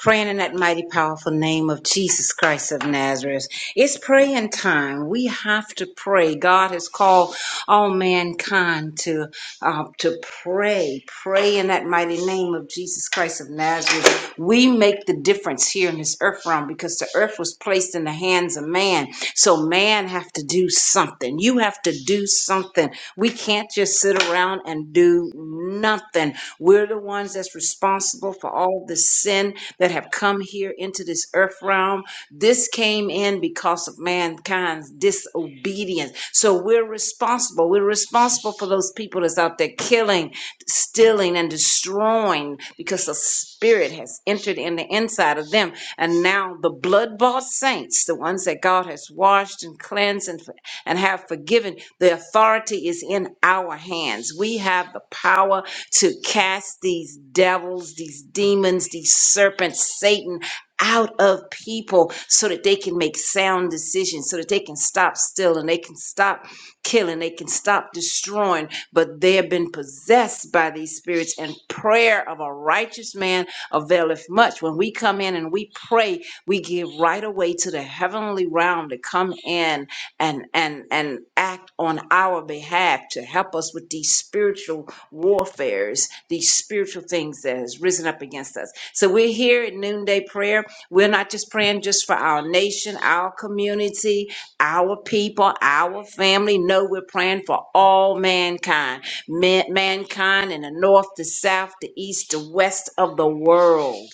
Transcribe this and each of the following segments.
praying in that mighty powerful name of Jesus Christ of Nazareth. It's praying time. We have to pray. God has called all mankind to uh, to pray. Pray in that mighty name of Jesus Christ of Nazareth. We make the difference here in this earth realm because the earth was placed in the hands of man. So man have to do something. You have to do something. We can't just sit around and do nothing we're the ones that's responsible for all the sin that have come here into this earth realm. This came in because of mankind's disobedience. So we're responsible. We're responsible for those people that's out there killing, stealing, and destroying because the spirit has entered in the inside of them. And now the blood bought saints, the ones that God has washed and cleansed and, and have forgiven, the authority is in our hands. We have the power to cast these devils, these demons, these serpents, Satan out of people so that they can make sound decisions, so that they can stop still and they can stop killing, they can stop destroying. But they have been possessed by these spirits, and prayer of a righteous man availeth much. When we come in and we pray, we give right away to the heavenly realm to come in and and and act on our behalf to help us with these spiritual warfares, these spiritual things that has risen up against us. So we're here at noonday prayer. We're not just praying just for our nation, our community, our people, our family. No, we're praying for all mankind, man- mankind in the north, the south, the east, the west of the world.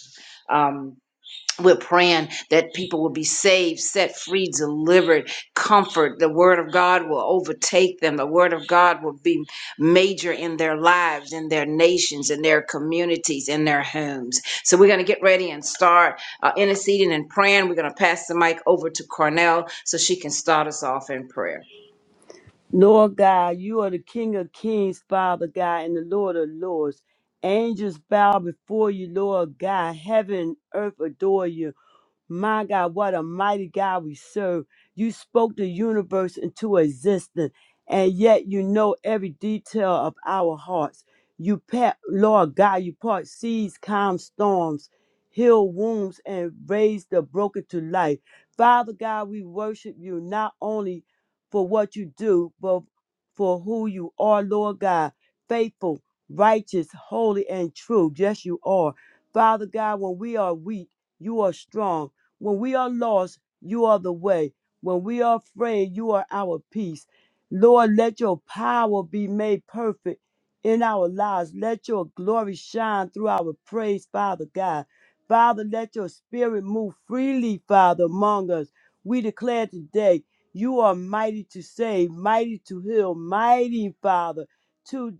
Um, we're praying that people will be saved, set free, delivered, comfort. The word of God will overtake them. The word of God will be major in their lives, in their nations, in their communities, in their homes. So we're going to get ready and start uh, interceding and praying. We're going to pass the mic over to Cornell so she can start us off in prayer. Lord God, you are the King of kings, Father God, and the Lord of lords. Angels bow before you, Lord God. Heaven and earth adore you. My God, what a mighty God we serve. You spoke the universe into existence, and yet you know every detail of our hearts. You pat, Lord God, you part seas, calm storms, heal wounds, and raise the broken to life. Father God, we worship you not only for what you do, but for who you are, Lord God. Faithful, righteous, holy, and true. Yes, you are. Father God, when we are weak, you are strong. When we are lost, you are the way. When we are afraid, you are our peace. Lord, let your power be made perfect in our lives. Let your glory shine through our praise, Father God. Father, let your spirit move freely, Father, among us. We declare today you are mighty to save, mighty to heal, mighty, Father. to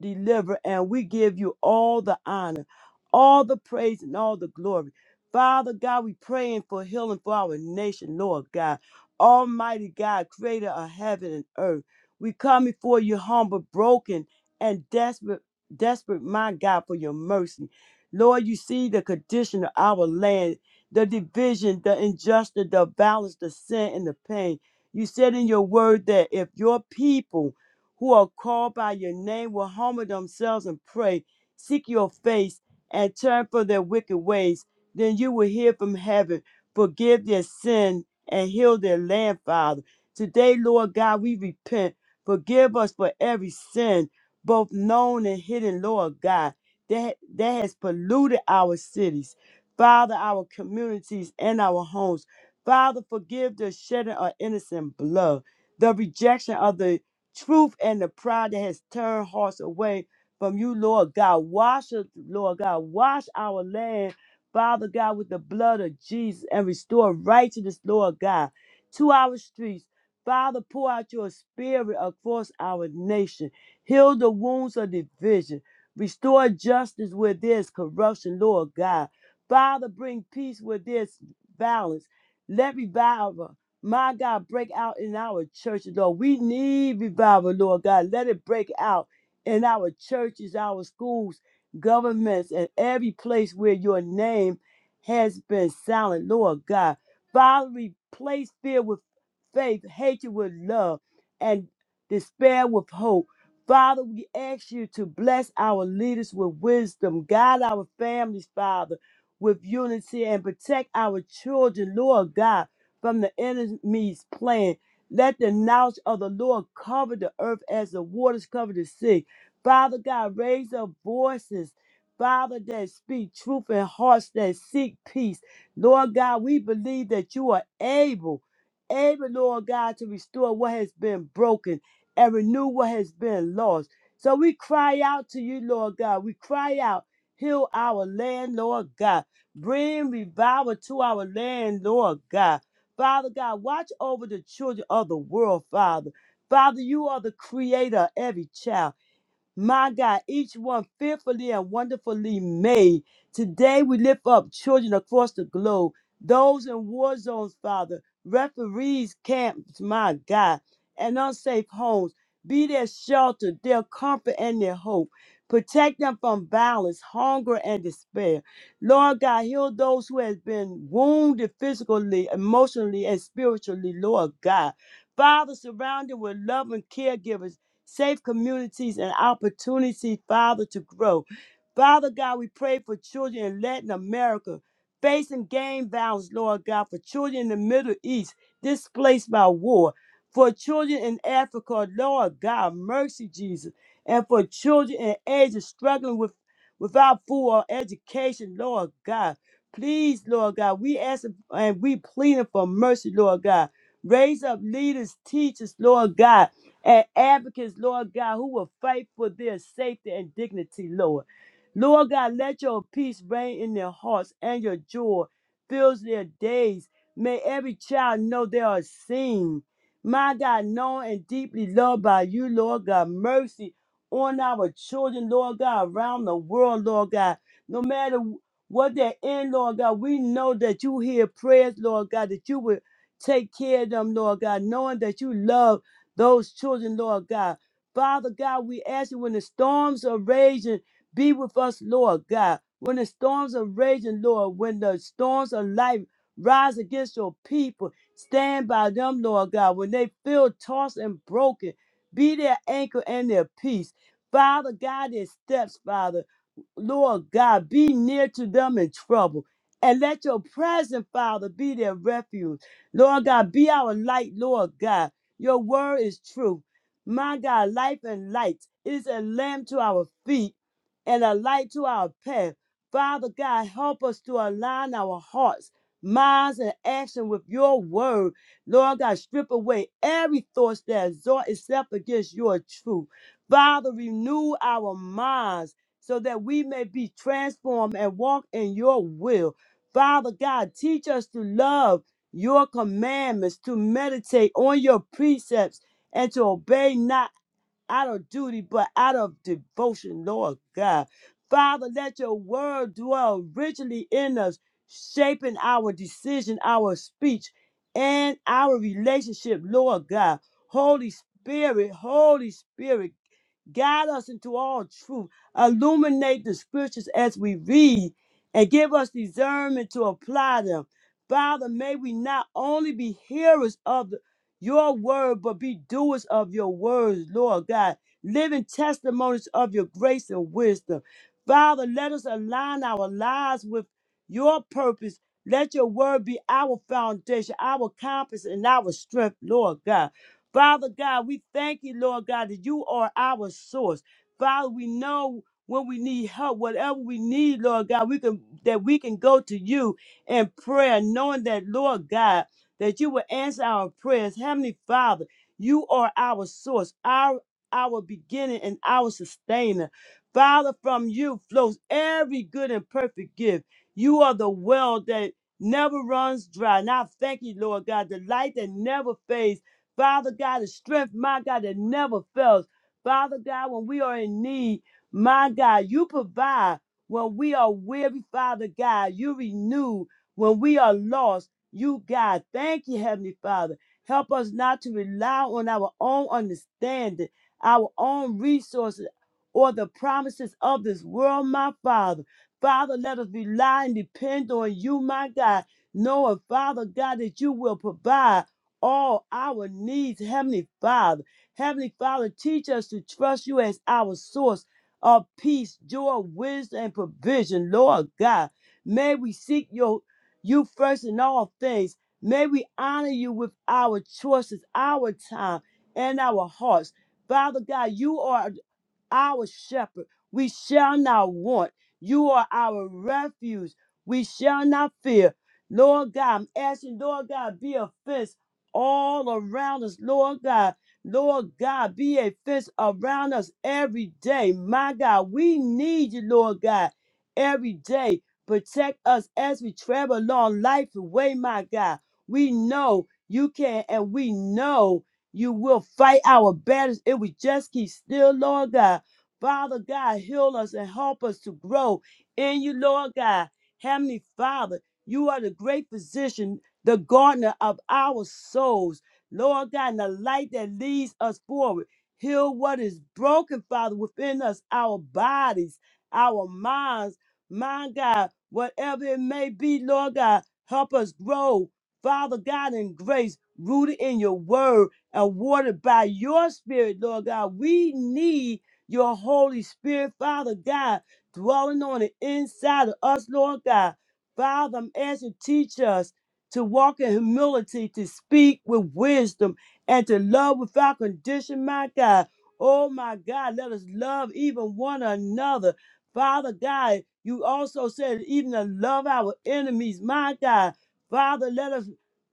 deliver, and we give you all the honor, all the praise, and all the glory. Father God, we praying for healing for our nation, Lord God. Almighty God, creator of heaven and earth. We come before you humble, broken, and desperate, desperate, my God, for your mercy. Lord, you see the condition of our land, the division, the injustice, the violence, the sin, and the pain. You said in your word that if your people who are called by your name will humble themselves and pray, seek your face, and turn from their wicked ways. Then you will hear from heaven, forgive their sin, and heal their land, Father. Today, Lord God, we repent. Forgive us for every sin, both known and hidden, Lord God, that, that has polluted our cities, Father, our communities, and our homes. Father, forgive the shedding of innocent blood, the rejection of the truth and the pride that has turned hearts away from you, Lord God. Wash us, Lord God. Wash our land, Father God, with the blood of Jesus and restore righteousness, Lord God, to our streets. Father, pour out your spirit across our nation. Heal the wounds of division. Restore justice where there's corruption, Lord God. Father, bring peace where there's violence. Let revival my God, break out in our churches, Lord. We need revival, Lord God. Let it break out in our churches, our schools, governments, and every place where your name has been silent, Lord God. Father, replace fear with faith, hatred with love, and despair with hope. Father, we ask you to bless our leaders with wisdom, guide our families, Father, with unity, and protect our children, Lord God from the enemy's plan. Let the knowledge of the Lord cover the earth as the waters cover the sea. Father God, raise up voices, Father, that speak truth and hearts that seek peace. Lord God, we believe that you are able, able, Lord God, to restore what has been broken and renew what has been lost. So we cry out to you, Lord God. We cry out, heal our land, Lord God. Bring revival to our land, Lord God. Father God, watch over the children of the world, Father. Father, you are the creator of every child. My God, each one fearfully and wonderfully made. Today we lift up children across the globe, those in war zones, Father, referees, camps, my God, and unsafe homes. Be their shelter, their comfort, and their hope. Protect them from violence, hunger, and despair. Lord God, heal those who have been wounded physically, emotionally, and spiritually, Lord God. Father, surround them with loving caregivers safe communities, and opportunities, Father, to grow. Father God, we pray for children in Latin America facing gang violence, Lord God, for children in the Middle East displaced by war, for children in Africa, Lord God, mercy, Jesus, and for children in Asia struggling with without food or education, Lord God. Please, Lord God, we ask and we pleading for mercy, Lord God. Raise up leaders, teachers, Lord God and advocates, Lord God, who will fight for their safety and dignity, Lord. Lord God, let your peace reign in their hearts and your joy fills their days. May every child know they are seen. My God, known and deeply loved by you, Lord God. Mercy on our children, Lord God, around the world, Lord God. No matter what they're in, Lord God, we know that you hear prayers, Lord God, that you will take care of them, Lord God, knowing that you love those children, Lord God. Father God, we ask you when the storms are raging, be with us, Lord God. When the storms are raging, Lord, when the storms of life rise against your people, stand by them, Lord God. When they feel tossed and broken, be their anchor and their peace. Father God, their steps, Father. Lord God, be near to them in trouble. And let your present, Father, be their refuge. Lord God, be our light, Lord God. Your word is true. My God, life and light is a lamp to our feet and a light to our path. Father God, help us to align our hearts, minds, and action with your word. Lord God, strip away every thought that exhort itself against your truth. Father, renew our minds so that we may be transformed and walk in your will. Father God, teach us to love your commandments, to meditate on your precepts, and to obey not out of duty, but out of devotion, Lord God. Father, let your word dwell richly in us, shaping our decision, our speech, and our relationship, Lord God. Holy Spirit, Holy Spirit, guide us into all truth. Illuminate the scriptures as we read and give us discernment to apply them. Father, may we not only be hearers of the your word, but be doers of your words, Lord God, living testimonies of your grace and wisdom. Father, let us align our lives with your purpose. Let your word be our foundation, our compass, and our strength, Lord God. Father God, we thank you, Lord God, that you are our source. Father, we know when we need help, whatever we need, Lord God, we can that we can go to you in prayer, knowing that, Lord God that you will answer our prayers. Heavenly Father, you are our source, our our beginning and our sustainer. Father, from you flows every good and perfect gift. You are the well that never runs dry. And I thank you, Lord God, the light that never fades. Father God, the strength, my God, that never fails. Father God, when we are in need, my God, you provide. When we are weary, Father God, you renew. When we are lost, you, God, thank you, Heavenly Father. Help us not to rely on our own understanding, our own resources, or the promises of this world, my Father. Father, let us rely and depend on you, my God, knowing, Father God, that you will provide all our needs, Heavenly Father. Heavenly Father, teach us to trust you as our source of peace, joy, wisdom, and provision, Lord God. May we seek your you first in all things. May we honor you with our choices, our time, and our hearts. Father God, you are our shepherd. We shall not want. You are our refuge. We shall not fear. Lord God, I'm asking, Lord God, be a fence all around us, Lord God. Lord God, be a fence around us every day. My God, we need you, Lord God, every day. Protect us as we travel along life's way, my God. We know you can, and we know you will fight our battles if we just keep still, Lord God. Father God, heal us and help us to grow in you, Lord God. Heavenly Father, you are the great physician, the gardener of our souls. Lord God, and the light that leads us forward. Heal what is broken, Father, within us, our bodies, our minds, mind God, whatever it may be, Lord God, help us grow, Father God, in grace, rooted in your word and watered by your spirit, Lord God. We need your Holy Spirit, Father God, dwelling on the inside of us, Lord God. Father, I'm asking teach us to walk in humility, to speak with wisdom, and to love without condition, my God. Oh my God, let us love even one another. Father God, you also said even to love our enemies, my God. Father, let us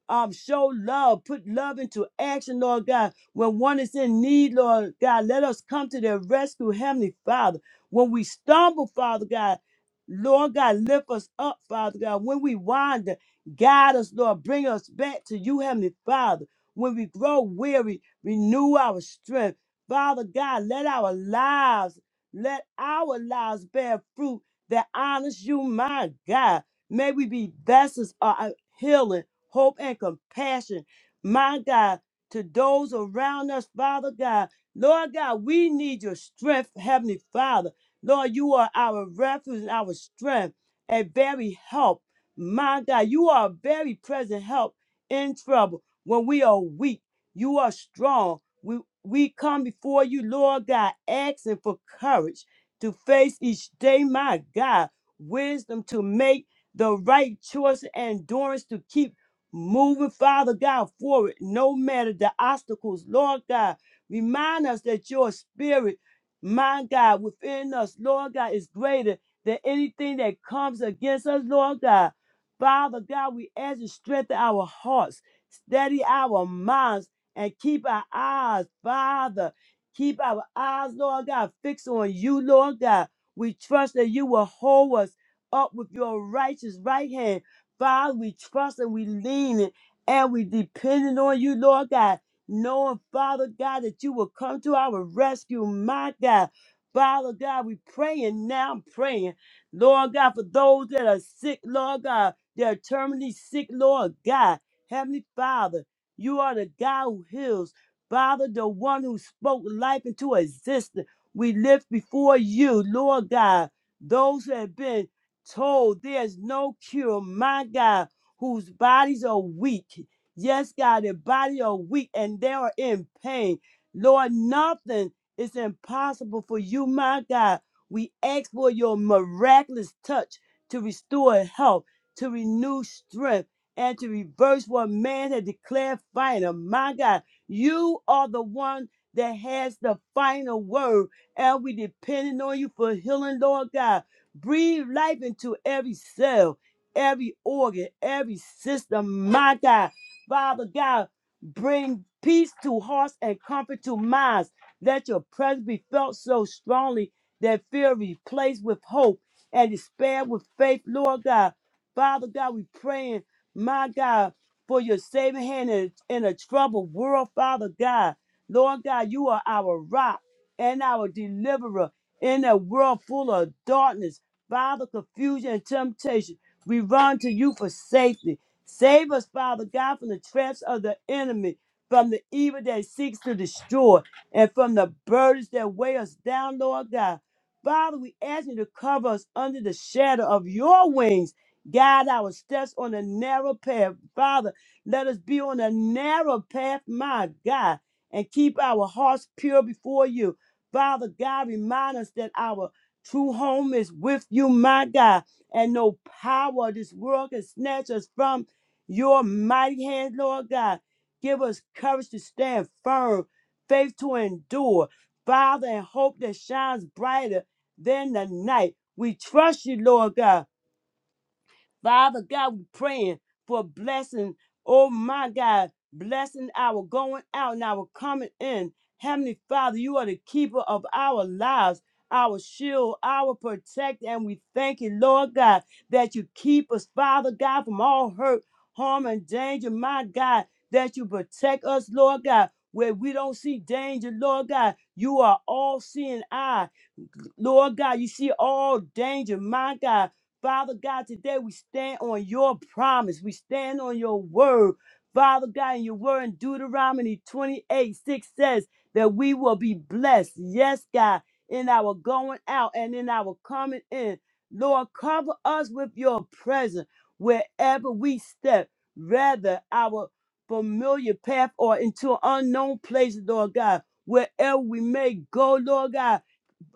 um show love, put love into action, Lord God when one is in need, Lord God, let us come to their rescue, Heavenly Father. When we stumble, Father God, Lord God, lift us up, Father God. When we wander, guide us, Lord. Bring us back to you, Heavenly Father. When we grow weary, renew our strength. Father God, let our lives, let our lives bear fruit that honors you, my God. May we be vessels of healing, hope, and compassion. My God, to those around us, Father God. Lord God, we need your strength, Heavenly Father. Lord, you are our refuge and our strength a very help. My God, you are a very present help in trouble when we are weak. You are strong. We, we come before you, Lord God, asking for courage to face each day, my God, wisdom to make the right choice, and endurance to keep moving, Father God, forward, no matter the obstacles. Lord God, remind us that your spirit, my God, within us, Lord God, is greater than anything that comes against us, Lord God. Father God, we ask you to strengthen our hearts, steady our minds, and keep our eyes, Father. Keep our eyes, Lord God, fixed on you, Lord God. We trust that you will hold us up with your righteous right hand Father, we trust and we lean in and we depending on you, Lord God, knowing, Father God, that you will come to our rescue, my God. Father God, we praying now, praying, Lord God, for those that are sick, Lord God, that are terminally sick, Lord God. Heavenly Father, you are the God who heals. Father, the one who spoke life into existence. We lift before you, Lord God, those who have been told there's no cure, my God, whose bodies are weak. Yes, God, their bodies are weak and they are in pain. Lord, nothing is impossible for you, my God. We ask for your miraculous touch to restore health, to renew strength, and to reverse what man had declared final. My God, you are the one that has the final word, and we depending on you for healing, Lord God. Breathe life into every cell, every organ, every system, my God. Father God, bring peace to hearts and comfort to minds. Let your presence be felt so strongly that fear replaced with hope and despair with faith, Lord God. Father God, we praying, my God, for your saving hand in, in a troubled world, Father God. Lord God, you are our rock and our deliverer in a world full of darkness. Father, confusion and temptation. We run to you for safety. Save us, Father God, from the traps of the enemy, from the evil that seeks to destroy, and from the burdens that weigh us down, Lord God. Father, we ask you to cover us under the shadow of your wings. Guide our steps on the narrow path. Father, let us be on the narrow path, my God, and keep our hearts pure before you. Father God, remind us that our True home is with you, my God, and no power of this world can snatch us from your mighty hand, Lord God. Give us courage to stand firm, faith to endure, Father, and hope that shines brighter than the night. We trust you, Lord God. Father God, we praying for blessing. Oh my God, blessing our going out and our coming in. Heavenly Father, you are the keeper of our lives, our shield, our protector, and we thank you, Lord God, that you keep us, Father God, from all hurt, harm, and danger. My God, that you protect us, Lord God, where we don't see danger, Lord God. You are all seeing eye. Lord God, you see all danger, my God. Father God, today we stand on your promise. We stand on your word. Father God, in your word in Deuteronomy 28 6 says that we will be blessed. Yes, God, in our going out and in our coming in. Lord, cover us with your presence wherever we step, whether our familiar path or into unknown places, Lord God. Wherever we may go, Lord God,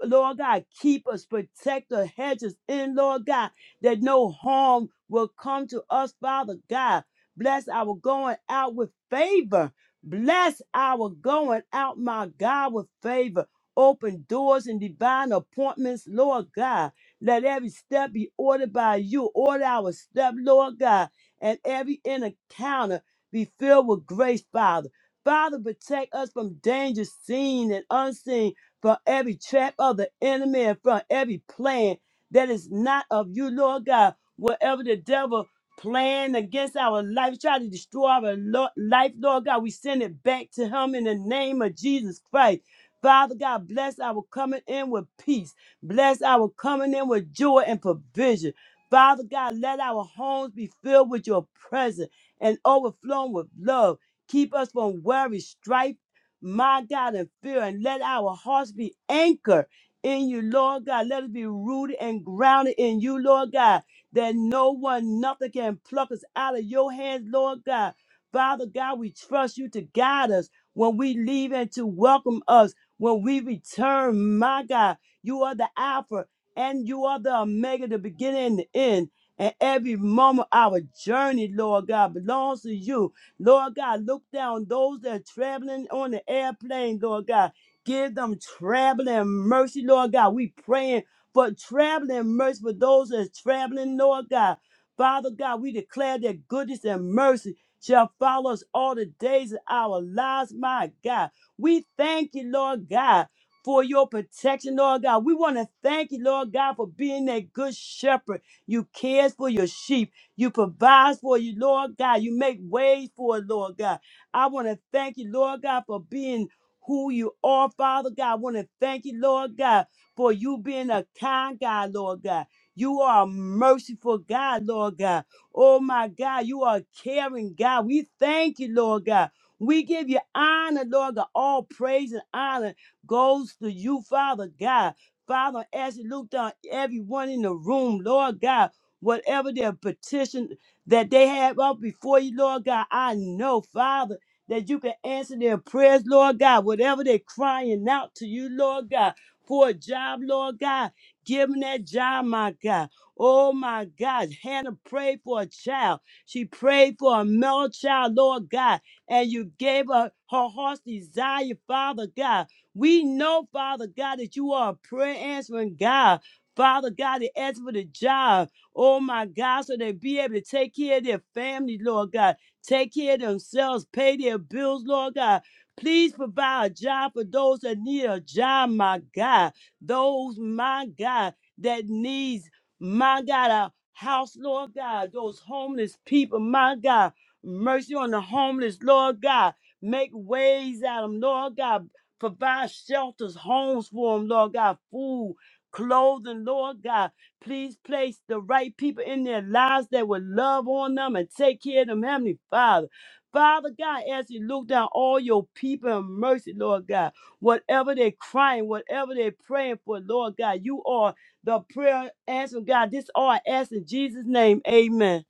Lord God, keep us, protect us, hedge us in, Lord God, that no harm will come to us, Father God. Bless our going out with favor. Bless our going out, my God, with favor. Open doors and divine appointments, Lord God. Let every step be ordered by you. Order our step, Lord God, and every encounter be filled with grace, Father. Father, protect us from danger seen and unseen from every trap of the enemy and from every plan that is not of you, Lord God. Whatever the devil plan against our life, try to destroy our lo- life, Lord God, we send it back to him in the name of Jesus Christ. Father God, bless our coming in with peace. Bless our coming in with joy and provision. Father God, let our homes be filled with your presence and overflowing with love. Keep us from worry, strife, my God, in fear, and let our hearts be anchored in you, Lord God. Let us be rooted and grounded in you, Lord God, that no one, nothing can pluck us out of your hands, Lord God. Father God, we trust you to guide us when we leave and to welcome us when we return, my God. You are the Alpha and you are the Omega, the beginning and the end. And every moment of our journey, Lord God, belongs to you. Lord God, look down those that are traveling on the airplane, Lord God. Give them traveling mercy, Lord God. We praying for traveling mercy for those that are traveling, Lord God. Father God, we declare that goodness and mercy shall follow us all the days of our lives, my God. We thank you, Lord God, for your protection, Lord God. We want to thank you, Lord God, for being that good shepherd. You cares for your sheep. You provide for you, Lord God. You make ways for it, Lord God. I want to thank you, Lord God, for being who you are, Father God. I want to thank you, Lord God, for you being a kind God, Lord God. You are a merciful God, Lord God. Oh my God, you are a caring God. We thank you, Lord God. We give you honor, Lord God. All praise and honor goes to you, Father God. Father, as you look down everyone in the room, Lord God whatever their petition that they have up before you, Lord God. I know, Father, that you can answer their prayers, Lord God, whatever they're crying out to you, Lord God, for a job, Lord God. Give them that job, my God. Oh, my God. Hannah prayed for a child. She prayed for a male child, Lord God, and you gave her her heart's desire, Father God. We know, Father God, that you are a prayer answering God. Father God, that asked for the job. Oh my God, so they be able to take care of their families, Lord God. Take care of themselves, pay their bills, Lord God. Please provide a job for those that need a job, my God. Those, my God, that needs, my God, a house, Lord God. Those homeless people, my God. Mercy on the homeless, Lord God. Make ways out of them, Lord God. Provide shelters, homes for them, Lord God. Food, clothing, Lord God Please place the right people in their lives that will love on them and take care of them, Heavenly Father. Father God, as you look down all your people in mercy, Lord God, whatever they're crying, whatever they're praying for, Lord God, you are the prayer answer, God. This all I ask in Jesus' name. Amen.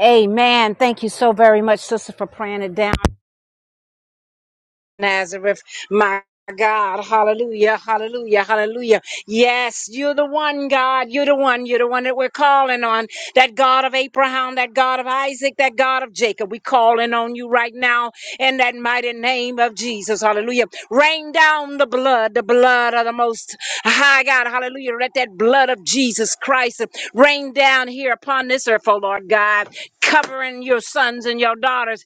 Amen. Thank you so very much, sister, for praying it down. Nazareth, my God, hallelujah, hallelujah, hallelujah. Yes, you're the one, God, you're the one, you're the one that we're calling on. That God of Abraham, that God of Isaac, that God of Jacob. We're calling on you right now in that mighty name of Jesus, hallelujah. Rain down the blood, the blood of the most high God, hallelujah. Let that blood of Jesus Christ rain down here upon this earth, oh Lord God, covering your sons and your daughters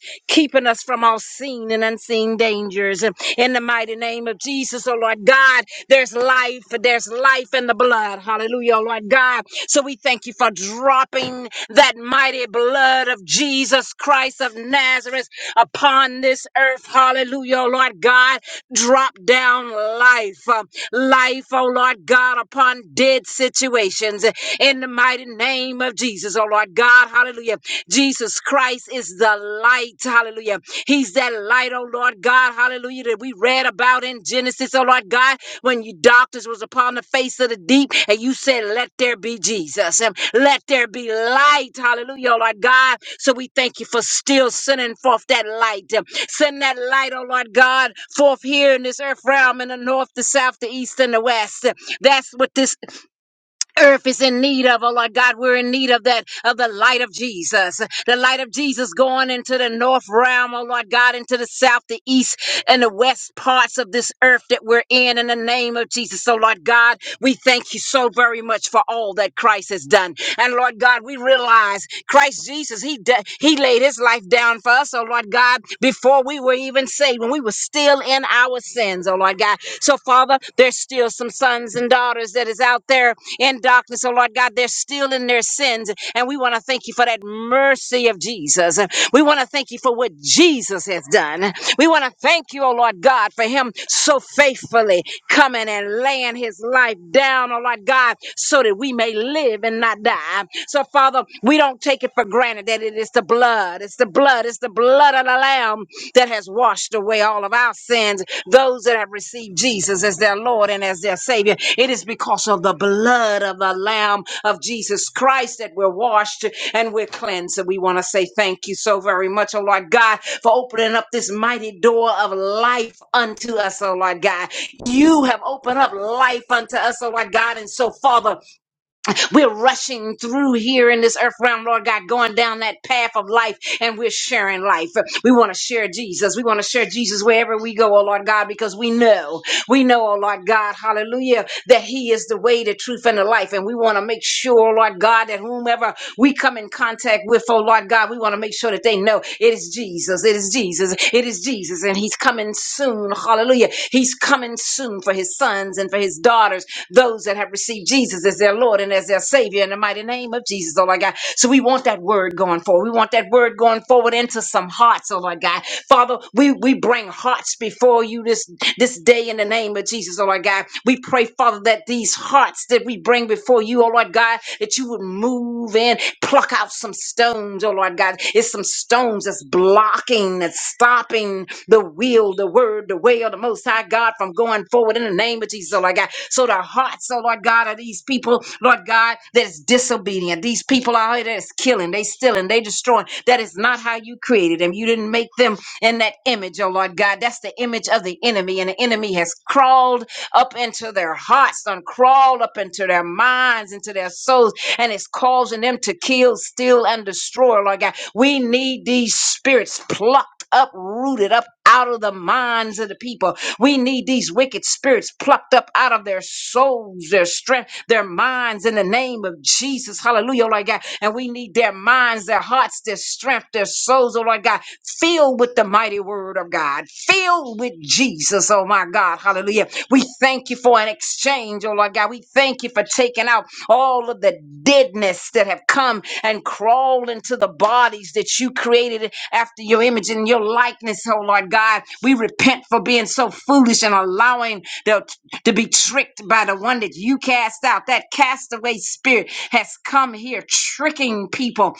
keeping us from all seen and unseen dangers. In the mighty name of Jesus, oh Lord God, there's life, there's life in the blood. Hallelujah, oh Lord God. So we thank you for dropping that mighty blood of Jesus Christ of Nazareth upon this earth. Hallelujah, oh Lord God. Drop down life, uh, life, oh Lord God, upon dead situations in the mighty name of Jesus, oh Lord. Lord God, hallelujah. Jesus Christ is the light, hallelujah. He's that light, oh Lord God, hallelujah, that we read about in Genesis, oh Lord God, when you darkness was upon the face of the deep and you said, Let there be Jesus and let there be light, hallelujah, oh Lord God. So we thank you for still sending forth that light. uh, Send that light, oh Lord God, forth here in this earth realm in the north, the south, the east, and the west. That's what this earth is in need of, oh Lord God, we're in need of that, of the light of Jesus. The light of Jesus going into the north realm, oh Lord God, into the south, the east, and the west parts of this earth that we're in, in the name of Jesus. So, Lord God, we thank you so very much for all that Christ has done. And Lord God, we realize Christ Jesus, He de- He laid His life down for us, oh Lord God, before we were even saved, when we were still in our our sins, oh Lord God. So, Father, there's still some sons and daughters that is out there in darkness, oh Lord God. They're still in their sins. And we want to thank you for that mercy of Jesus. We want to thank you for what Jesus has done. We want to thank you, oh Lord God, for him so faithfully coming and laying his life down, oh Lord God, so that we may live and not die. So, Father, we don't take it for granted that it is the blood blood. It's the blood. It's the blood of the Lamb that has washed away all of our sins. Those that have received Jesus as their Lord and as their Savior, it is because of the blood of the Lamb of Jesus Christ that we're washed and we're cleansed. And we want to say thank you so very much, oh Lord God, for opening up this mighty door of life unto us, oh Lord God. You have opened up life unto us, oh Lord God. And so, Father, we're rushing through here in this earth realm, Lord God, going down that path of life, and we're sharing life. We want to share Jesus. We want to share Jesus wherever we go, oh Lord God, because we know, we know, oh Lord God, hallelujah, that He is the way, the truth, and the life. And we want to make sure, oh Lord God, that whomever we come in contact with, oh Lord God, we want to make sure that they know it is Jesus. It is Jesus. It is is Jesus, and He's coming soon. Hallelujah. He's coming soon for His sons and for His daughters, those that have received Jesus as their Lord and as their Savior in the mighty name of Jesus, oh my God. So we want that word going forward. We want that word going forward into some hearts, oh my God. Father, we, we bring hearts before you this, this day in the name of Jesus, oh my God. We pray, Father, that these hearts that we bring before before you, oh Lord God, that you would move in, pluck out some stones, oh Lord God. It's some stones that's blocking, that's stopping the will, the word, the way of the Most High God from going forward in the name of Jesus, oh Lord God. So the hearts, oh Lord God, of these people, Lord God, that is disobedient. These people out here that is killing, they stealing, they destroying. That is not how you created them. You didn't make them in that image, oh Lord God. That's the image of the enemy, and the enemy has crawled up into their hearts, done crawled up into their minds, into their souls, and it's causing them to kill, steal, and destroy. Lord God, we need these spirits plucked up, rooted up out of the minds of the people. We need these wicked spirits plucked up out of their souls souls, their strength, their minds in the name of Jesus. Hallelujah, oh Lord God. And we need their minds, their hearts, their strength, their souls, oh Lord God, filled with the mighty word of God, filled with Jesus, oh my God. Hallelujah. We thank you for an exchange, oh Lord God. We thank you for taking out all of the deadness that have come and crawled into the bodies that you created after your image and your likeness, oh Lord God. We repent for being so foolish and allowing the, to be tricked by the one that you cast out. That castaway spirit has come here tricking people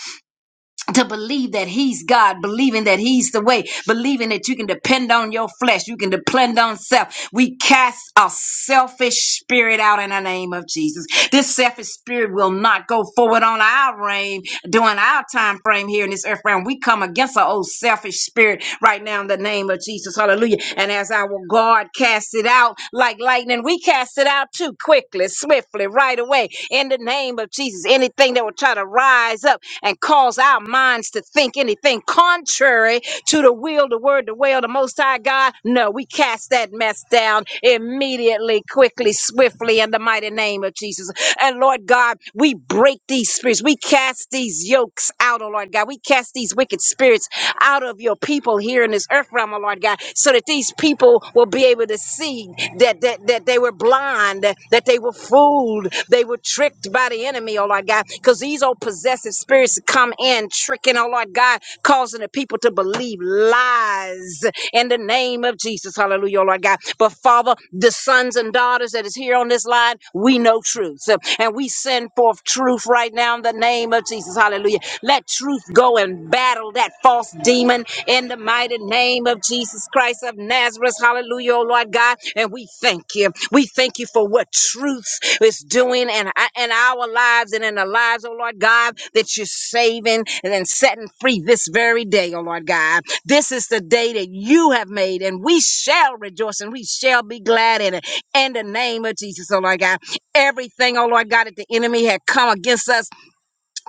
to believe that he's God, believing that he's the way, believing that you can depend on your flesh, you can depend on self. We cast a selfish spirit out in the name of Jesus. This selfish spirit will not go forward on our reign during our time frame here in this earth realm. We come against our old selfish spirit right now in the name of Jesus. Hallelujah. And as our God cast cast it out like lightning. We cast it out too quickly, swiftly, right away. In the name of Jesus, anything that will try to rise up and cause our minds to think anything contrary to the will, the word, the way of the Most High God, no, we cast that mess down immediately, quickly, swiftly, in the mighty name of Jesus. And Lord God, we break these these spirits. We cast these yokes out, oh Lord God. We cast these wicked spirits out of your people here in this earth realm, oh Lord God, so that these people will be able to see that that, that they were blind, that they were fooled, they were tricked by the enemy, oh Lord God, because these old possessive spirits come in, tricking, oh Lord God, causing the people to believe lies in the name of Jesus. Hallelujah, Lord God. But Father, the sons and daughters that is here on this line, we know truth. And we send forth truth right now in the name of Jesus. Hallelujah. Let truth go and battle that false demon in the mighty name of Jesus Christ of Nazareth. Hallelujah, oh Lord God. And we thank you. We thank you for what truth is doing in, in our lives and in the lives, oh Lord God, that you're saving and then setting free this very day, oh Lord God. This is the day that you have made, and we shall rejoice and we shall be glad in it. In the name of Jesus, oh Lord God. Everything, oh Lord God, that the enemy had come against us,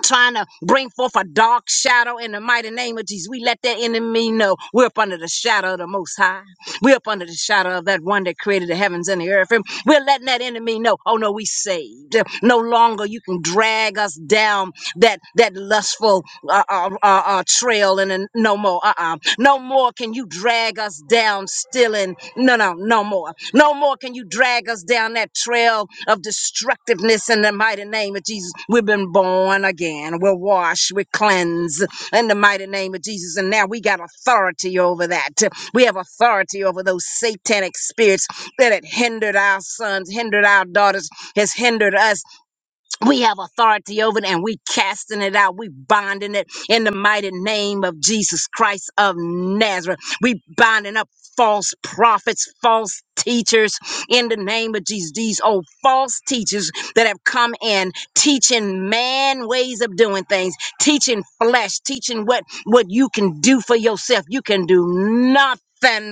trying to bring forth a dark shadow in the mighty name of Jesus, we let that enemy know we're up under the shadow of the Most High. We're up under the shadow of that one that created the heavens and the earth. And we're letting that enemy know, oh no, we saved. No longer you can drag us down that that lustful uh, uh, uh, uh, trail and then no more. Uh-uh. No more can you drag us down, stealing. No, no, no more. No more can you drag us down that trail of destructiveness in the mighty name of Jesus. We've been born again. We're washed. We're cleansed in the mighty name of Jesus. And now we got authority over that. We have authority over those satanic spirits that had hindered our sons, hindered our daughters, has hindered us we have authority over it and we casting it out. We binding it in the mighty name of Jesus Christ of Nazareth. We binding up false prophets, false teachers in the name of Jesus. These old false teachers that have come in teaching man ways of doing things, teaching flesh, teaching what, what you can do for yourself. You can do nothing.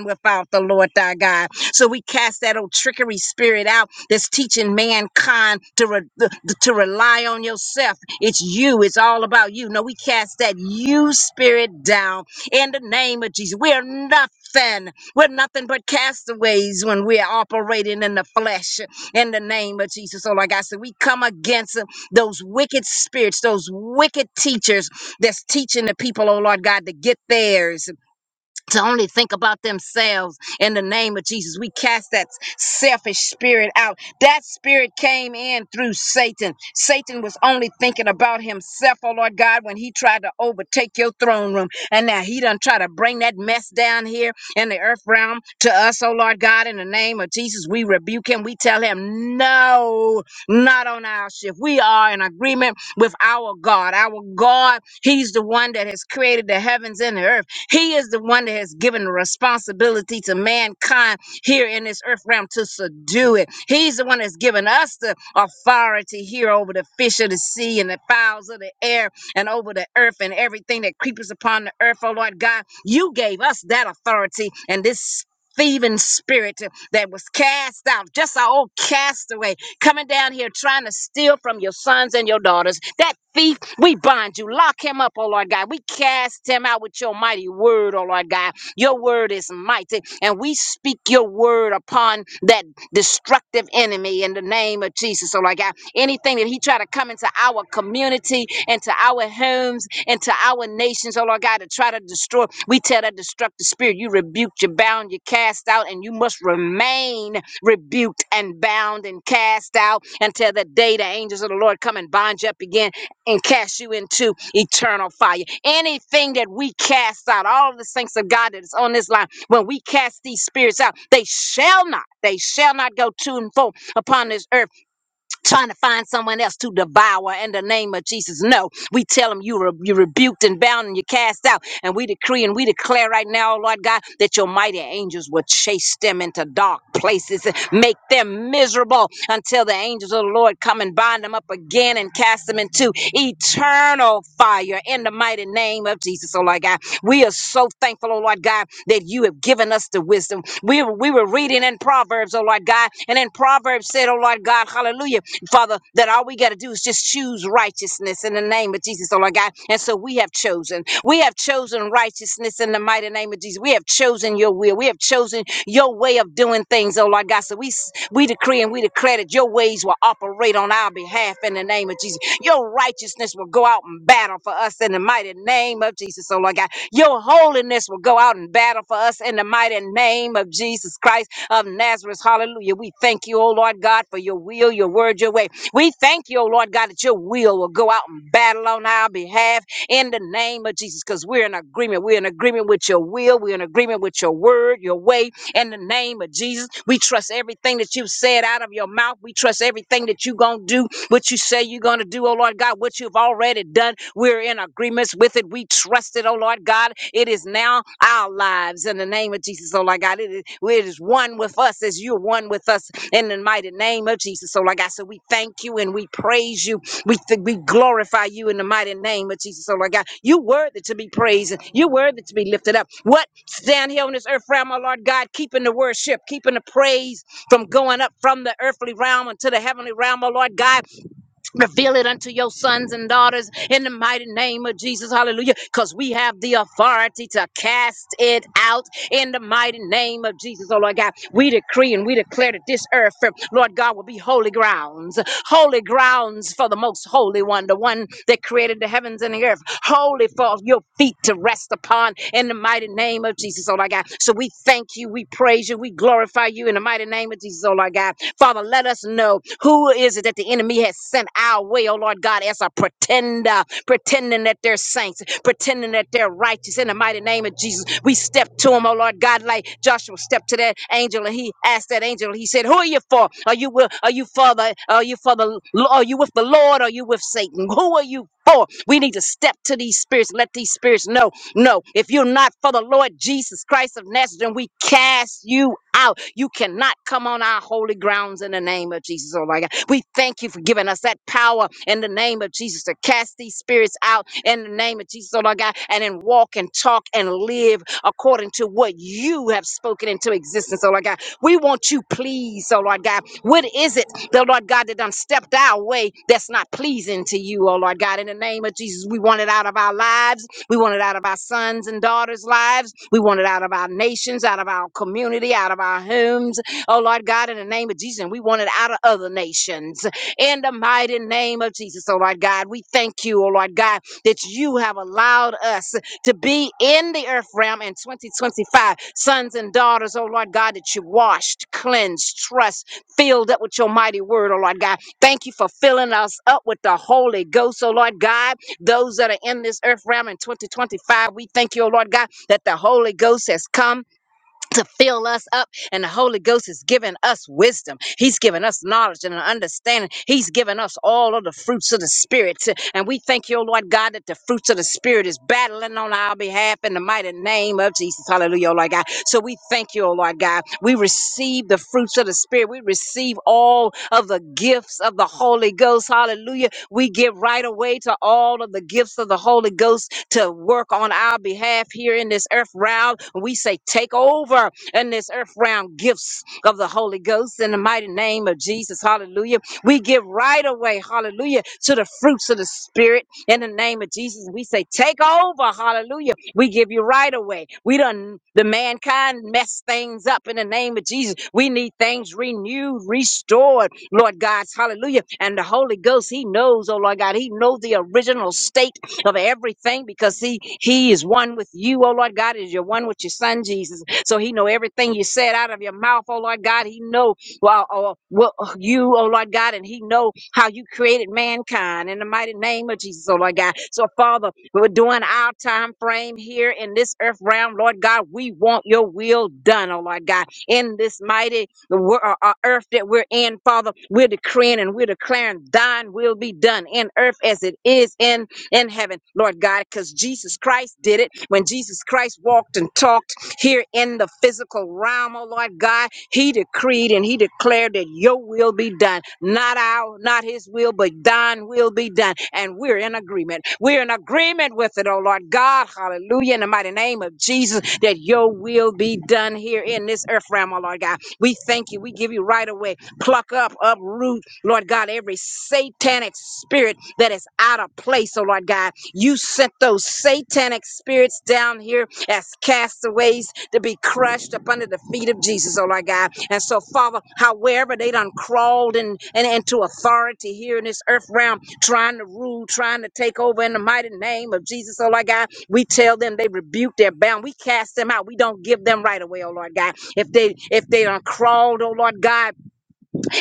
Without the Lord thy God. So we cast that old trickery spirit out that's teaching mankind to, re- to rely on yourself. It's you, it's all about you. No, we cast that you spirit down in the name of Jesus. We are nothing. We're nothing but castaways when we're operating in the flesh in the name of Jesus. So, like I said, we come against uh, those wicked spirits, those wicked teachers that's teaching the people, oh Lord God, to get theirs to only think about themselves in the name of Jesus. We cast that selfish spirit out. That spirit came in through Satan. Satan was only thinking about himself, oh Lord God, when he tried to overtake your throne room. And now he done try to bring that mess down here in the earth realm to us, oh Lord God, in the name of Jesus. We rebuke him. We tell him, no, not on our shift. We are in agreement with our God. Our God, he's the one that has created the heavens and the earth. He is the one that has given the responsibility to mankind here in this earth realm to subdue it. He's the one that's given us the authority here over the fish of the sea and the fowls of the air and over the earth and everything that creepers upon the earth, oh Lord God. You gave us that authority and this thieving spirit that was cast out, just our old castaway coming down here trying to steal from your sons and your daughters. That thief, we bind you. Lock him up, oh Lord God. We cast him out with your mighty word, oh Lord God. Your word is mighty, and we speak your word upon that destructive enemy in the name of Jesus, oh Lord God. Anything that he try to come into our community, into our homes, into our nations, oh Lord God, to try to destroy, we tell that destructive spirit, you rebuke, you bound, you cast out, and you must remain rebuked and bound and cast out until the day the angels of the Lord come and bind you up again and cast you into eternal fire. Anything that we cast out, all of the saints of God that is on this line, when we cast these spirits out, they shall not, they shall not go to and fro upon this earth trying to find someone else to devour in the name of Jesus. No, we tell them you re- you're rebuked and bound and you're cast out. And we decree and we declare right now, oh Lord God, that your mighty angels will chase them into dark places and make them miserable until the angels of the Lord come and bind them up again and cast them into eternal fire in the mighty name of Jesus, oh Lord God. We are so thankful, oh Lord God, that you have given us the wisdom. We, we were reading in Proverbs, oh Lord God, and in Proverbs said, oh Lord God, hallelujah. Father, that all we got to do is just choose righteousness in the name of Jesus, oh Lord God. And so we have chosen. We have chosen righteousness in the mighty name of Jesus. We have chosen your will. We have chosen your way of doing things, oh Lord God. So we s- we decree and we declare that your ways will operate on our behalf in the name of Jesus. Your righteousness will go out and battle for us in the mighty name of Jesus, oh Lord God. Your holiness will go out and battle for us in the mighty name of Jesus Christ of Nazareth. Hallelujah. We thank you, oh Lord God, for your will, your word, your way. We thank you, oh Lord God, that your will will go out and battle on our behalf in the name of Jesus because we're in agreement. We're in agreement with your will. We're in agreement with your word, your way, in the name of Jesus. We trust everything that you've said out of your mouth. We trust everything that you're going to do what you say you're going to do, oh Lord God, what you've already done. We're in agreements with it. We trust it, oh Lord God. It is now our lives in the name of Jesus, oh Lord God. It is, it is one with us as you're one with us in the mighty name of Jesus, oh Lord God. So we thank you and we praise you. We, th- we glorify you in the mighty name of Jesus, oh Lord God. You worthy to be praised. and You worthy to be lifted up. What down here on this earth realm, oh Lord God, keeping the worship, keeping the praise from going up from the earthly realm into the heavenly realm, oh Lord God. Reveal it unto your sons and daughters in the mighty name of Jesus. Hallelujah. Because we have the authority to cast it out in the mighty name of Jesus. Oh, Lord God, we decree and we declare that this earth, uh, Lord God, will be holy grounds. Holy grounds for the most holy one, the one that created the heavens and the earth. Holy for your feet to rest upon in the mighty name of Jesus. Oh, Lord God. So we thank thank you. We praise you. We glorify you in the mighty name of Jesus, oh Lord God. Father, let us know who is it that the enemy has sent our way, oh Lord God, as a pretender, pretending that they're saints, pretending that they're righteous. In the mighty name of Jesus, we step to him, oh Lord God, like Joshua stepped to that angel and he asked that angel, he said, Who are you for? Are you with, are you for the are you for the are you with the Lord? Or are you with Satan? Who are you for? We need to step to these spirits, let these spirits know, no, if you're not for the Lord Jesus Christ of Nazareth, then we cast you out. You cannot come on our holy grounds in the name of Jesus. Oh my God. We thank you for giving us that power in the name of Jesus to cast these spirits out in the name of Jesus, oh Lord God, and then walk and talk and live according to what you have spoken into existence, oh Lord God. We want you pleased, oh Lord God. What is it, the Lord God, that done stepped our way that's not pleasing to you, oh Lord God? In the name of Jesus, we want it out of our lives. We want it out of our sons and daughters' lives. We want it out of our nations, out of our community, out of our homes, oh Lord God, in the name of Jesus. And we want it out of other nations sons in the mighty name of Jesus. Oh Lord God, we thank you, oh Lord God, that you have allowed us to be in the earth realm in 2025. Sons and daughters, oh Lord God, that you washed, cleansed, trust, filled up with your mighty word, oh Lord God. Thank you for filling us up with the Holy Ghost, oh Lord God. Those that are in this earth realm in 2025, we thank you, oh Lord God, that the Holy Ghost has come to fill us up. And the Holy Ghost is giving us wisdom. He's giving us knowledge and an understanding. He's giving us all of the fruits of the Spirit. And we thank you, Lord God, that the fruits of the Spirit is battling on our behalf in the mighty name of Jesus. Hallelujah, oh Lord God. So we thank you, oh Lord God. We receive the fruits of the Spirit. We receive all of the gifts of the Holy Ghost. Hallelujah. We give right away to all of the gifts of the Holy Ghost to work on our behalf here in this earth realm. We say, take over in this earth realm gifts of the Holy Ghost in the mighty name of Jesus. Hallelujah. We give right away, hallelujah, to the fruits of the Spirit in the name of Jesus. We say, take over, hallelujah. We give you right away. We done, the mankind messed things up in the name of Jesus. We need things renewed, restored, Lord God, hallelujah. And the Holy Ghost, He knows, oh Lord God, He knows the original state of everything because he he is one with you oh lord god is you're one with your son jesus so he know everything you said out of your mouth oh lord god he know well oh, well you oh lord god and he know how you created mankind in the mighty name of jesus oh lord god so father we're doing our time frame here in this earth realm lord god we want your will done oh lord god in this mighty the wor- uh, uh, earth that we're in, Father. We're decreeing and we're declaring thine will be done in earth as it is in in heaven, Lord God, because Jesus Christ did it. When Jesus Christ walked and talked here in the physical realm, oh Lord God, he decreed and he declared that your will be done, not our, not his will, but thine will be done. And we're in agreement. We're in agreement with it, oh Lord God. Hallelujah. In the mighty name of Jesus, that your will be done here in this earth realm, oh Lord God. We thank you. We give you right away. Pluck up, uproot, Lord God, every satanic spirit that is out of place. Oh, Lord God, you sent those satanic spirits down here as castaways to be crushed up under the feet of Jesus, oh, Lord God. And so, Father, however they done crawled in, and into authority here in this earth realm, trying to rule, trying to take over in the mighty name of Jesus, oh, Lord God, we tell them they rebuke their bound. We cast them out. We don't give them right away, oh Lord God. If they if they don't crawled, oh Lord God,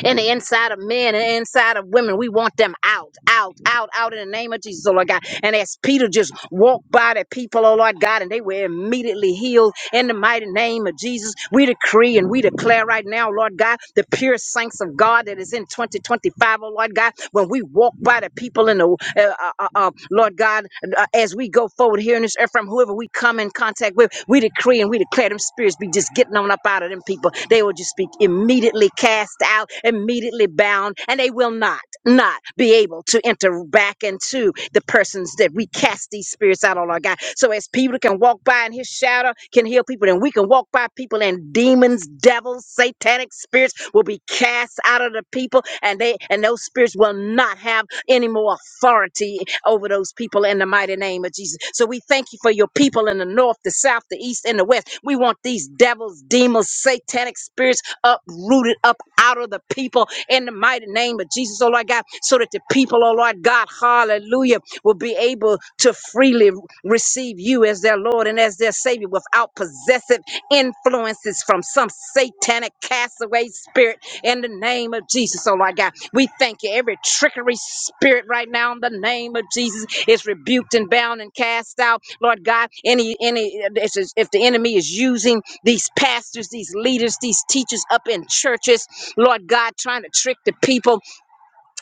in the inside of men and the inside of women. We want them out, out, out, out in the name of Jesus, oh Lord God. And as Peter just walked by the people, oh Lord God, and they were immediately healed in the mighty name of Jesus. We decree and we declare right now, Lord God, the pure saints of God that is in 2025, oh Lord God, when we walk by the people in the, uh, uh, uh, uh, Lord God, uh, as we go forward here in this earth, from whom um, whoever we come in contact with, we decree and we declare them spirits be just getting on up out of them people. They will just be immediately cast out, immediately bound, and they will not, not be able to enter back into the persons that we cast these spirits out on our God. So as people can walk by and his shadow can heal people, and we can walk by people and demons, devils, satanic spirits will be cast out of the people people and they and those spirits will not have any more authority over those people in the mighty name of Jesus. So we thank you for your people in the north, the south, the east, and the west. We want these devils, demons, satanic spirits uprooted up out of the people in the mighty name of Jesus, oh Lord God, so that the people, oh Lord God, hallelujah, will be able to freely receive you as their Lord Lord and as their Savior without possessive influences from some satanic castaway spirit in the name of Jesus. Oh, Lord God, we thank you. Every trickery spirit right now in the name of Jesus is rebuked and bound and cast out. Lord God, any, any, this is- if the enemy is using these pastors, these leaders, these teachers up in churches, Lord God, trying to trick the people,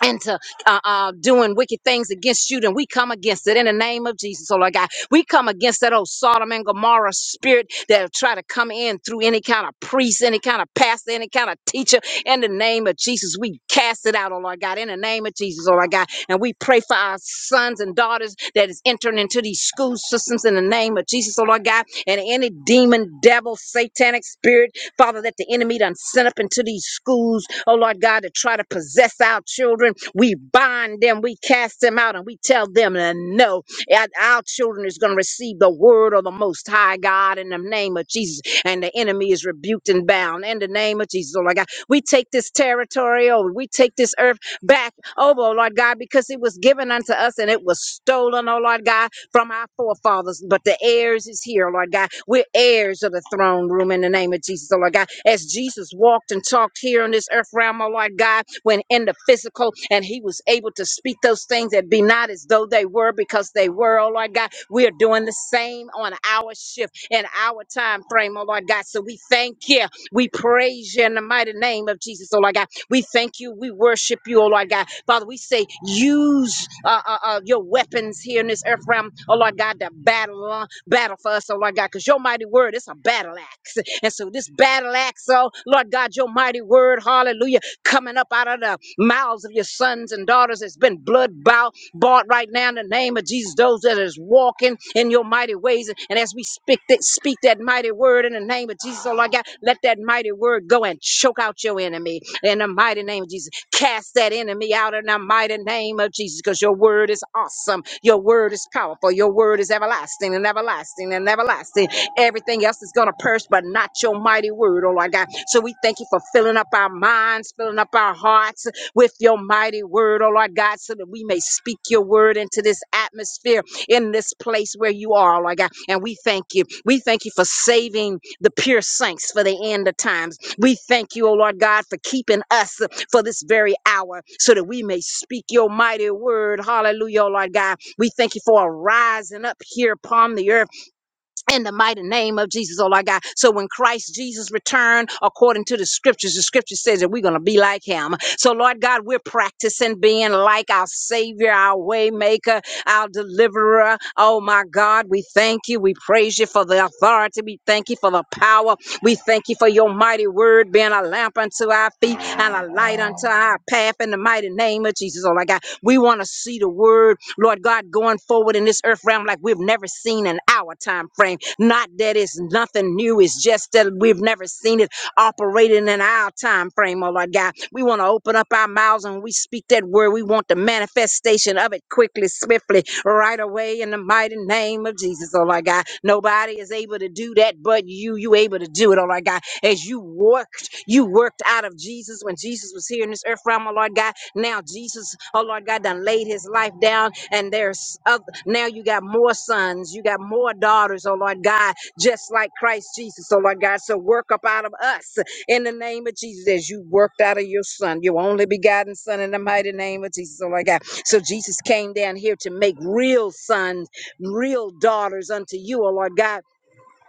into uh, uh, doing wicked things against you, then we come against it in the name of Jesus, oh Lord God. We come against that old Sodom and Gomorrah spirit that'll try to come in through any kind of priest, any kind of pastor, any kind of teacher. In the name of Jesus, we cast it out, oh Lord God. In the name of Jesus, oh Lord God. And we pray for our sons and daughters that is entering into these school systems in the name of Jesus, oh Lord God. And any demon, devil, satanic spirit Father, that the enemy done sent up into these schools, oh Lord God, to try to possess our children. We bind them, we cast them out, and we tell them uh, no. And Our children is going to receive the word of the Most High God in the name of Jesus. And the enemy is rebuked and bound in the name of Jesus, oh Lord God. We take this territory over, we take this earth back over, oh Lord God, because it was given unto us and it was stolen, oh Lord God from our forefathers, but the heirs is here, Lord God. We're heirs of the throne room in the name of Jesus, oh Lord God. As Jesus walked and talked here on this earth realm, oh Lord God, when in the physical, and he was able to speak those things that be not as though they were because they were, oh Lord God. We are doing the same on our shift in our time frame, oh Lord God. So we thank you. We praise you in the mighty name of Jesus, oh Lord God. We thank you. We worship you, oh Lord God. Father, we say use uh, uh, uh, your weapons here in this earth realm, oh Lord God, to battle, uh, battle for us, oh Lord God, because your mighty word is a battle axe. And so this battle axe, oh Lord God, your mighty word, hallelujah, coming up out of the mouths of your sons and daughters has been blood bow, bought right now in the name of Jesus, those that is walking in your mighty ways. And as we speak that, speak that mighty word in the name of Jesus, oh Lord God, let that mighty word go and choke out your enemy in the mighty name of Jesus. Cast that enemy out in the mighty name of Jesus because your word is awesome. Your word is powerful. Your word is everlasting and everlasting and everlasting. Everything else is going to perish, but not your mighty word, oh Lord God. So we thank you for filling up our minds, filling up our hearts with your mighty word, oh Lord God, so that we may speak your word into this atmosphere in this place where you are, oh Lord God. And we thank you. We thank you for saving the pure saints for the end of times. We thank you, O Lord God, for keeping us for this very hour so that we may speak your mighty word. Hallelujah, O Lord God. We thank you for a rising up here upon the earth in the mighty name of Jesus, oh Lord God. So when Christ Jesus returned, according to the scriptures, the scripture says that we're going to be like him. So Lord God, we're practicing being like our Savior, our waymaker, our deliverer. Oh my God, we thank you. We praise you for the authority. We thank you for the power. We thank you for your mighty word being a lamp unto our feet and a light unto our path in the mighty name of Jesus, oh Lord God. We want to see the word Lord God, going forward in this earth realm like we've never seen in our time frame. Not that it's nothing new, it's just that we've never seen it operating in our time frame, oh Lord God. We want to open up our mouths and we speak that word. We want the manifestation of it quickly, swiftly, right away in the mighty name of Jesus, oh Lord God. Nobody is able to do that but you. You able to do it, oh Lord God. As you worked, you worked out of Jesus when Jesus was here in this earth realm, oh Lord God now Jesus, oh Lord God, done laid his life down, and there's other, now you got more sons, you got more daughters, oh Lord God, just like Christ Jesus, oh Lord God. So work up out of us in the name of Jesus as you worked out of your son, your only begotten son in the mighty name of Jesus, oh Lord God. So Jesus came down here to make real sons, real daughters unto you, oh Lord God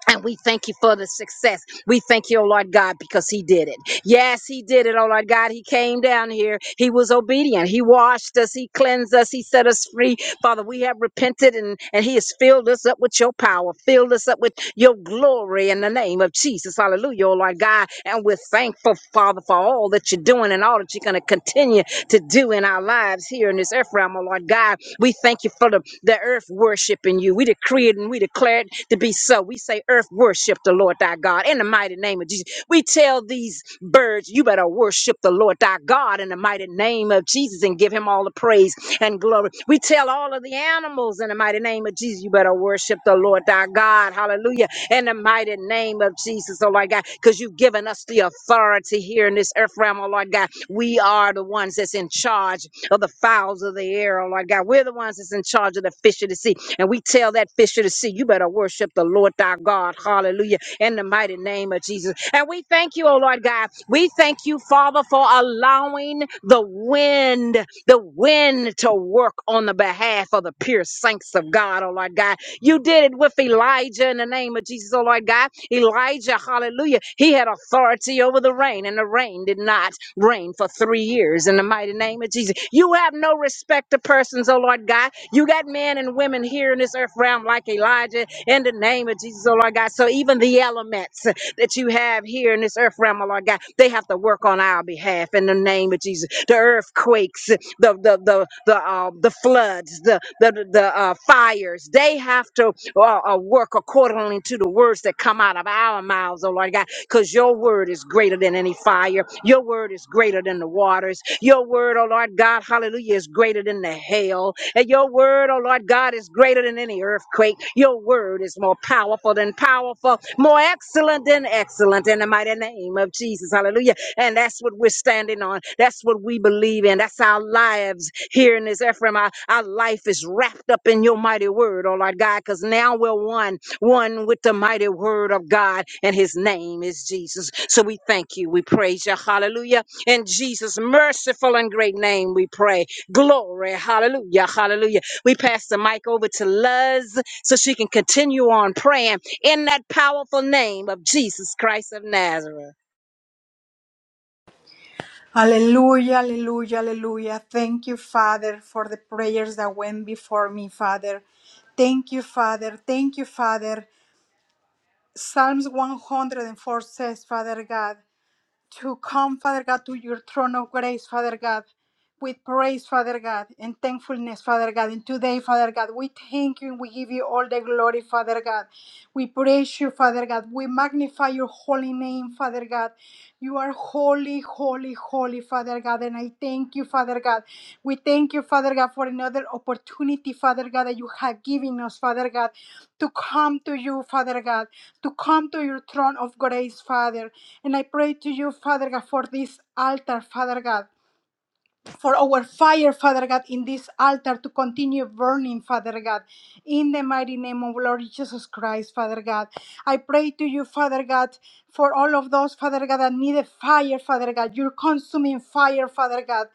and we thank you for the success. We thank you, oh Lord God, because He did it. Yes, He did it, oh Lord God. He came down here. He was obedient. He washed us. He cleansed us. He set us free. Father, we have repented and, and He has filled us up with your power, filled us up with your glory in the name of Jesus. Hallelujah, oh Lord God. And we're thankful, Father, for all that you're doing and all that you're going to continue to do in our lives here in this earth realm, oh Lord God. We thank you for the, the earth worshiping you. We decree it and we declare it to be so. We say, Earth, worship the Lord thy God in the mighty name of Jesus. We tell these birds, You better worship the Lord thy God in the mighty name of Jesus and give him all the praise and glory. We tell all of the animals in the in the mighty name of Jesus. You better worship the Lord thy God. Hallelujah. In the mighty name of Jesus, oh Lord God, because you've given us the authority here in this earth realm, oh Lord God. We are the ones that's in charge of the fowls of the air, oh Lord God. We're the ones that's in charge of the fish of the sea. And we tell that fish of the sea, you better worship the Lord thy God. Hallelujah in the mighty name of Jesus. And we thank you, oh Lord God. We thank you, Father, for allowing the wind, the wind to work on the behalf of the pure saints of God, oh Lord God. You did it with Elijah in the name of Jesus, oh Lord God. Elijah, hallelujah. He had authority over the rain, and the rain did not reign for three years in the mighty name of Jesus. You have no respect to persons, oh Lord God. You got men and women here in this earth realm like Elijah in the name of Jesus, oh Lord God. So even the elements that you have here in this earth realm, oh Lord God, they have to work on our behalf in the name of Jesus. The earthquakes, the the the the uh, the floods, the the the the, uh, fires, they have to uh, uh, work accordingly to the words that come out of our mouths, oh Lord God because your word is greater than any fire. Your word is greater than the waters. Your word, oh Lord God, hallelujah, is greater than the hail. And your word, oh Lord God, is greater than any earthquake. Your word is more powerful than powerful, more excellent than excellent in the mighty name of Jesus. Hallelujah. And that's what we're standing on. That's what we believe in. That's our lives here in this Ephraim. Our, our life is wrapped up in your mighty word, oh Lord God, because now we're one one with the mighty word of God, and his name is Jesus. So we thank you. We praise you. Hallelujah. In Jesus' merciful and great name, we pray. Glory. Hallelujah. Hallelujah. We pass the mic over to Luz so she can continue on praying in that powerful name of Jesus Christ of Nazareth. Hallelujah, hallelujah, hallelujah. Thank you, Father, for the prayers that went before me, Father. Thank you, Father. Thank you, Father. Psalms 104 says, Father God, to come, Father God, to your throne of grace, Father God, with praise, Father God, and thankfulness, Father God. And today, Father God, we thank you and we give you all the glory, Father God. We praise you, Father God. We magnify your holy name, Father God. You are holy, holy, holy, Father God. And I thank you, Father God. We thank you, Father God, for another opportunity, Father God, that you have given us, Father God, to come to you, Father God, to come to your throne of grace, Father. And I pray to you, Father God, for this altar, Father God, for our fire, Father God, in this altar to continue burning, Father God, in the mighty name of Lord Jesus Christ, Father God. I pray to you, Father God, for all of those, Father God, that need a fire, Father God, your consuming fire, Father God,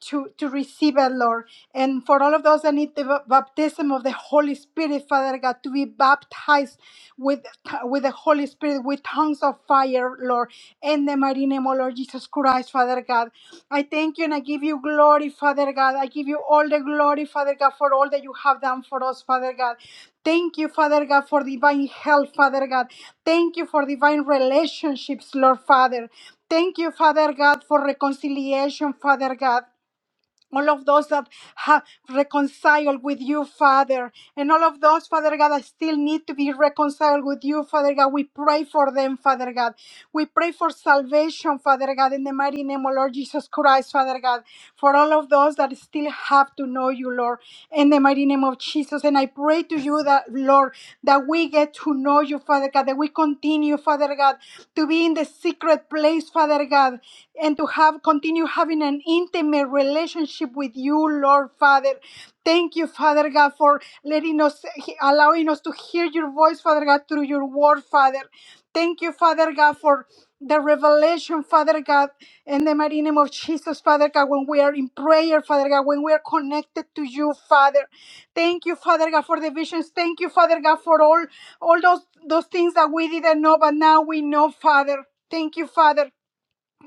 to, to receive it, Lord. And for all of those that need the baptism of the Holy Spirit, Father God, to be baptized with, with the Holy Spirit, with tongues of fire, Lord, in the mighty name of Lord Jesus Christ, Father God. I thank you and I give you glory, Father God. I give you all the glory, Father God, for all that you have done for us, Father God. Thank you, Father God, for divine help, Father God. Thank you for divine relationships, Lord Father. Thank you, Father God, for reconciliation, Father God all of those that have reconciled with you, Father, and all of those, Father God, that still need to be reconciled with you, Father God. We pray for them, Father God. We pray for salvation, Father God, in the mighty name of Lord Jesus Christ, Father God, for all of those that still have to know you, Lord, in the mighty name of Jesus. And I pray to you that, Lord, that we get to know you, Father God, that we continue, Father God, to be in the secret place, Father God, and to have continue having an intimate relationship with you, Lord Father. Thank you, Father God, for letting us allowing us to hear your voice, Father God, through your word, Father. Thank you, Father God, for the revelation, Father God, in the mighty name of Jesus, Father God, when we are in prayer, Father God, when we are connected to you, Father. Thank you, Father God, for the visions. Thank you, Father God, for all all those those things that we didn't know, but now we know, Father. Thank you, Father.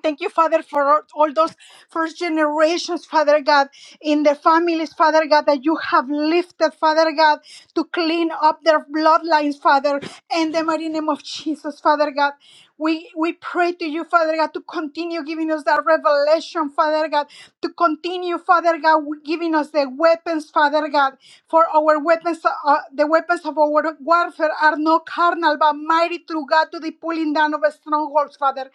Thank you, Father, for all those first generations, Father God, in their families, Father God, that you have lifted, Father God, to clean up their bloodlines, Father, in the mighty name of Jesus, Father God. We we pray to you, Father God, to continue giving us that revelation, passion, Father God, to continue, Father God, giving us the weapons, Father God, for our weapons, uh, uh, the weapons of our warfare are not carnal, but mighty through God to the pulling down of strongholds, Father.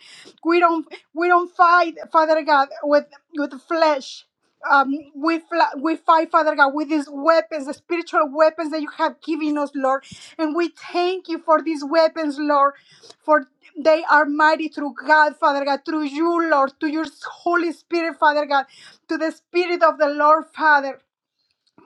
We don't, we don't fight, Father God, with with flesh um, we fla- we fight, Father God, with these weapons, the spiritual weapons that you have given us, Lord. And we thank you for these weapons, Lord, for they are mighty through God, Father God, through you, Lord, to your Holy Spirit, Father God, to the Spirit of the Lord, Father.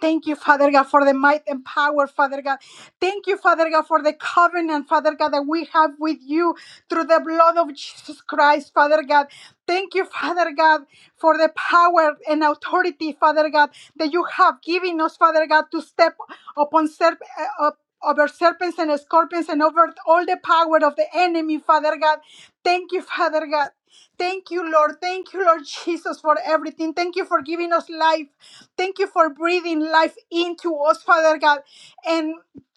Thank you, Father God, for the might and power, Father God. Thank you, Father God, for the covenant, Father God, that we have with you through the blood of Jesus Christ, Father God. Thank you, Father God, for the power and authority, Father God, that you have given us, Father God, to step upon serp- uh, up- over serpents and scorpions and over all the power of the enemy, Father God. Thank you, Father God. Thank you, Lord. Thank you, Lord Jesus, for everything. Thank you for giving us life. Thank you for breathing life into us, Father God. And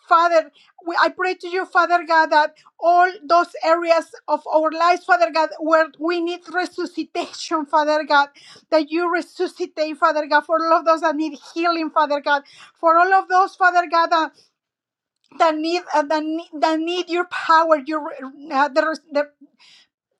Father, we, I pray to you, Father God, that all those areas of our lives, Father God, where we need resuscitation, Father God, that you resuscitate, Father God, for all of those that need healing, Father God, for all of those, Father God, that, that need uh, that, need, that need your power, your uh, the, res- the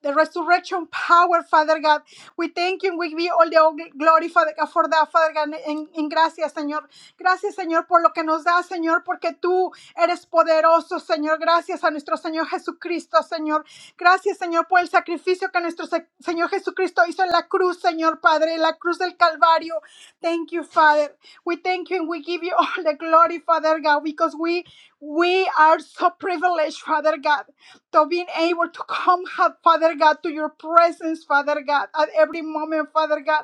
the resurrection power, Father God. We thank you and we give you all the all glory, Father God, for that, Father God. En, en gracias, Señor. Gracias, Señor, por lo que nos da, Señor, porque tú eres poderoso, Señor. Gracias a nuestro Señor Jesucristo, Señor. Gracias, Señor, por el sacrificio que nuestro Se- Señor Jesucristo hizo en la cruz, Señor Padre, en la cruz del Calvario. Thank you, Father. We thank you and we give you all the glory, Father God, because we we are so privileged, Father God to being able to come, Father God, to your presence, Father God, at every moment, Father God.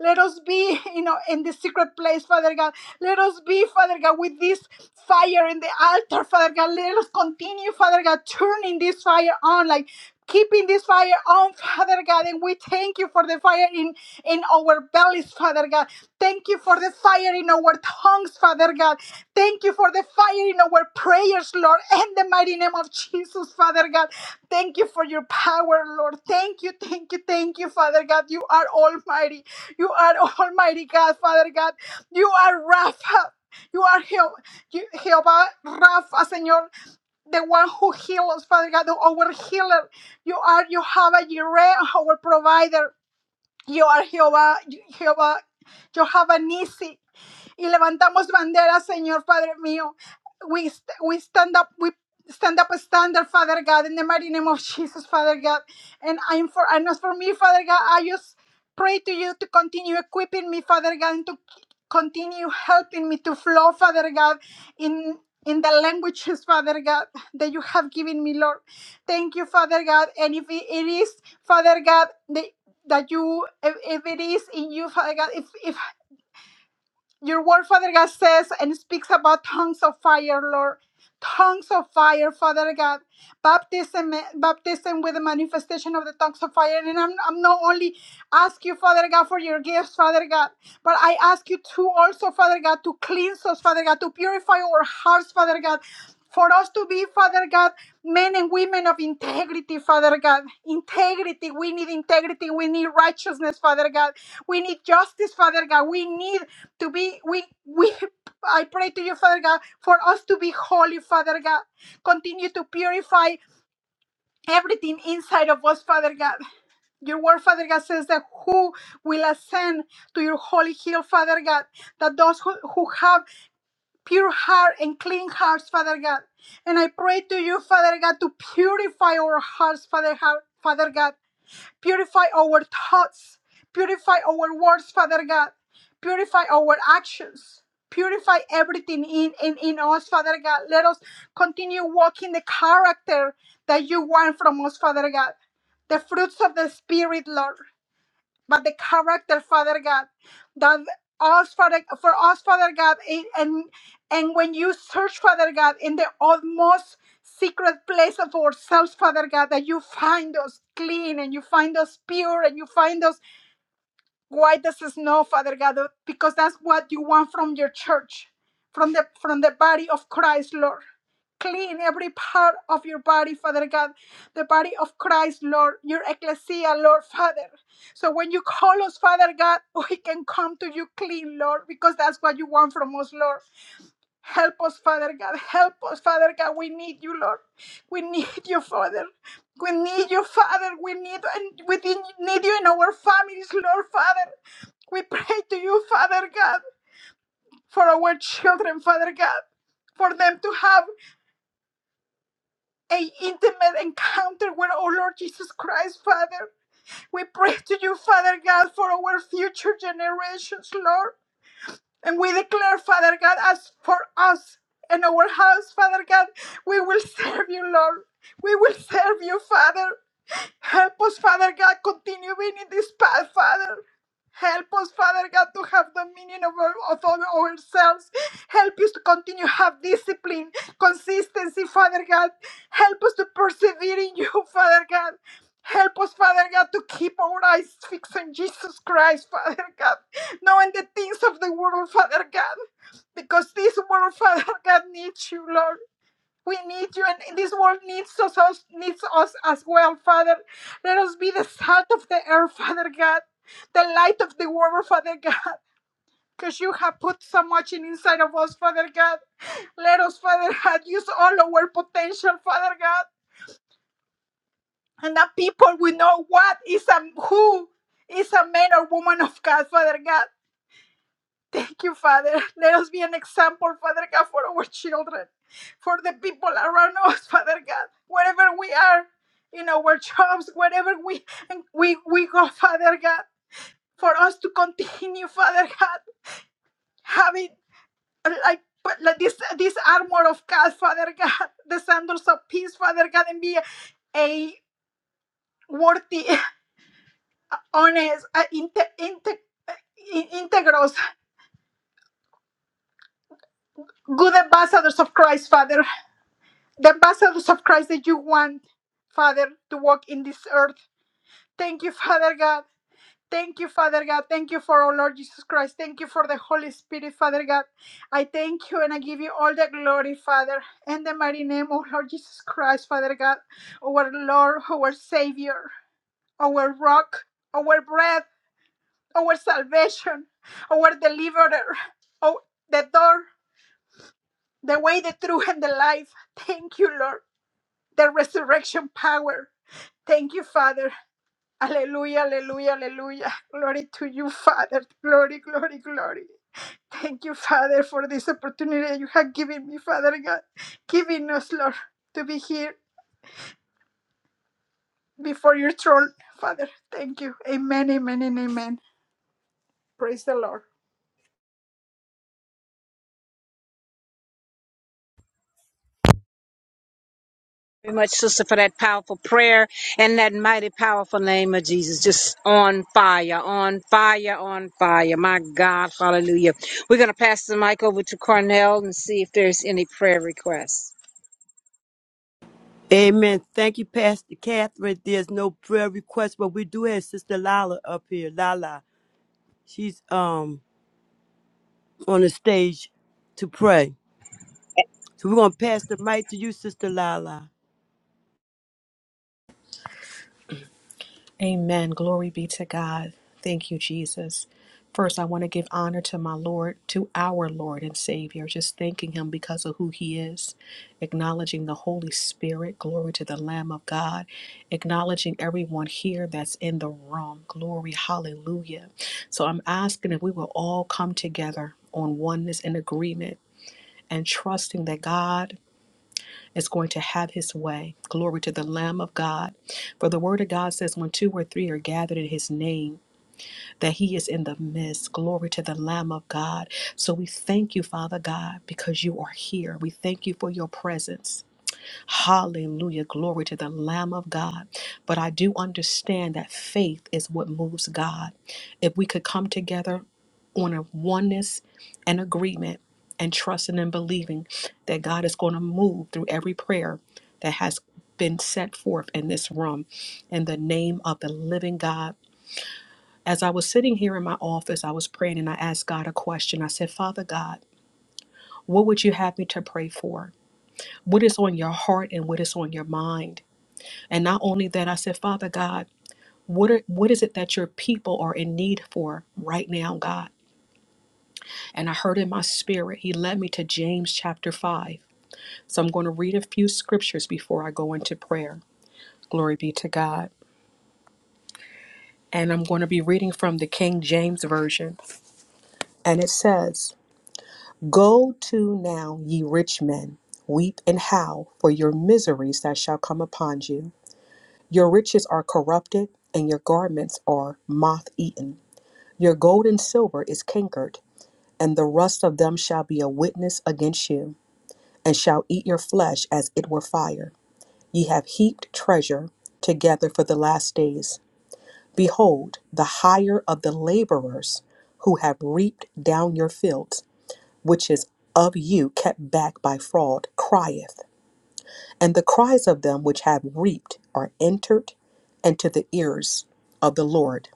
Let us be, you know, in the secret place, Father God. Let us be, Father God, with this fire in the altar, Father God. Let us continue, Father God, turning this fire on, like keeping this fire on, Father God. And we thank you for the fire in, in our bellies, Father God. Thank you for the fire in our tongues, Father God. Thank you for the fire in our prayers, Lord, in the mighty name of Jesus, Father God. Thank you for your power, Lord. Thank you, thank you, thank you, Father God. You are almighty. You are Almighty God, Father God. You are Rapha. You are Jehovah, Jehovah Rapha, Señor, the one who heals, Father God, the- our healer. You are Jehovah Jireh, our provider. You are Jehová, Jehová, Jehová Nisi, y levantamos banderas, Señor Padre mío. We, st- we stand up, we stand up a standard, Father God, in the mighty name of Jesus, Father God. And I'm for, and as for me, Father God, I just pray to you to continue equipping me, Father God, and to continue helping me to flow, Father God, in in the languages, Father God, that you have given me, Lord. Thank you, Father God. And if it it is, Father God, the that you if, if it is in you father god if if your word father god says and speaks about tongues of fire lord tongues of fire, Father God, baptism, baptism with the manifestation of the tongues of fire. And I'm, I'm not only ask you, Father God, for your gifts, Father God, but I ask you to also, Father God, to cleanse us, Father God, to purify our hearts, Father God, for us to be, Father God, men and women of integrity, Father God. Integrity. We need integrity. We need righteousness, Father God. We need justice, Father God. We need to be we we I pray to you, Father God, for us to be holy, Father God. Continue to purify everything inside of us, Father God. Your word, Father God, says that who will ascend to your holy hill, Father God, that those who, who have pure heart and clean hearts, Father God. And I pray to you, Father God, to purify our hearts, Father, God- Father God. Purify our thoughts. Purify our words, Father God. Purify our actions. Purify everything in, in, in us, Father God. Let us continue walking the character that you want from us, Father God. The fruits of the Spirit, Lord but the character, Father God, that us, Father, for us, Father God, and and and when you search, Father God, in the utmost secret place of ourselves, Father God, that you find us clean and you find us pure and you find us why does it snow, Father God? Because that's what you want from your church, from the from the body of Christ, Lord. Clean every part of your body, Father God, the body of Christ, Lord, your ecclesia, Lord, Father. So when you call us, Father God, we can come to you clean, Lord, because that's what you want from us, Lord. Help us, Father God. Help us, Father God. We need you, Lord. We need you, Father. We need you, Father. We need and we need you in our families, Lord, Father. We pray to you, Father God, for our children, Father God, for them to have a intimate encounter with our Lord Jesus Christ, Father. We pray to you, Father God, for our future generations, Lord. And we declare, Father God, as for us and our house, Father God, we will serve you, Lord. We will serve you, Father. Help us, Father God, continue being in this path, Father. Help us, Father God, to have dominion over, over ourselves. Help us to continue have discipline, consistency, Father God. Help us to persevere in you, Father God. Help us, Father God, to keep our eyes fixed on Jesus Christ, Father God, knowing the things of the world, Father God, because this world, Father God, needs you, Lord. We need you, and this world needs us, us- needs us as well, Father. Let us be the salt of the earth, Father God, the light of the world, Father God, because you have put so much in inside of us, Father God. Let us, Father God, use all our potential, Father God, and that people will know what is a who is a man or woman of God, Father God. Thank you, Father. Let us be an example, Father God, for our children, for the people around us, Father God, wherever we are, in our jobs, wherever we we we go, Father God, for us to continue, Father God, having uh, like. But like this, this armor of God, Father God, the sandals of peace, Father God, and be a worthy, honest, uh, inte- inte- in- integros, good ambassadors of Christ, Father. the ambassadors of Christ that you want, Father, to walk in this earth. Thank you, Father God. Thank you, Father God. Thank you for our Lord Jesus Christ. Thank you for the Holy Spirit, Father God. I thank you and I give you all the glory, Father, in the mighty name of Lord Jesus Christ, Father God, our Lord, our Savior, our rock, our bread, our salvation, our deliverer, oh, the door, the way, the truth, and the life. Thank you, Lord. the resurrection power. Thank you, Father. Hallelujah, hallelujah, hallelujah. Glory to you, Father. Glory, glory, glory. Thank you, Father, for this opportunity you have given me, Father God, giving us, Lord, to be here before your throne, Father. Thank you. Amen, amen, and amen. Praise the Lord. very much, sister, for that powerful prayer and that mighty, powerful name of Jesus. Just on fire, on fire, on fire. My God, hallelujah. We're going to pass the mic over to Cornell and see if there's any prayer requests. Amen. Thank you, Pastor Catherine. There's no prayer request, but we do have Sister Lala up here. Lala. She's um on the stage to pray. So we're gonna pass the mic to you, Sister Lala. Amen. Glory be to God. Thank you, Jesus. First, I want to give honor to my Lord, to our Lord and Savior, just thanking Him because of who He is, acknowledging the Holy Spirit. Glory to the Lamb of God, acknowledging everyone here that's in the room. Glory, hallelujah. So I'm asking if we will all come together on oneness and agreement and trusting that God is going to have his way. Glory to the Lamb of God. For the word of God says, when two or three are gathered in his name, that he is in the midst. Glory to the Lamb of God. So we thank you, Father God, because you are here. We thank you for your presence. Hallelujah. Glory to the Lamb of God. But I do understand that faith is what moves God. If we could come together on a oneness and agreement and trusting and believing that God is going to move through every prayer that has been set forth in this room in the name of the living God. As I was sitting here in my office, I was praying and I asked God a question. I said, Father God, what would you have me to pray for? What is on your heart and what is on your mind? And not only that, I said, Father God, what are, what is it that your people are in need for right now, God? And I heard in my spirit, He led me to James chapter 5. So I'm going to read a few scriptures before I go into prayer. Glory be to God. And I'm going to be reading from the King James Version. And it says, Go to now, ye rich men, weep and howl for your miseries that shall come upon you. Your riches are corrupted, and your garments are moth eaten. Your gold and silver is cankered, and the rust of them shall be a witness against you, and shall eat your flesh as it were fire. Ye have heaped treasure together for the last days. Behold, the hire of the laborers who have reaped down your fields, which is of you kept back by fraud, crieth, and the cries of them which have reaped are entered into the ears of the Lord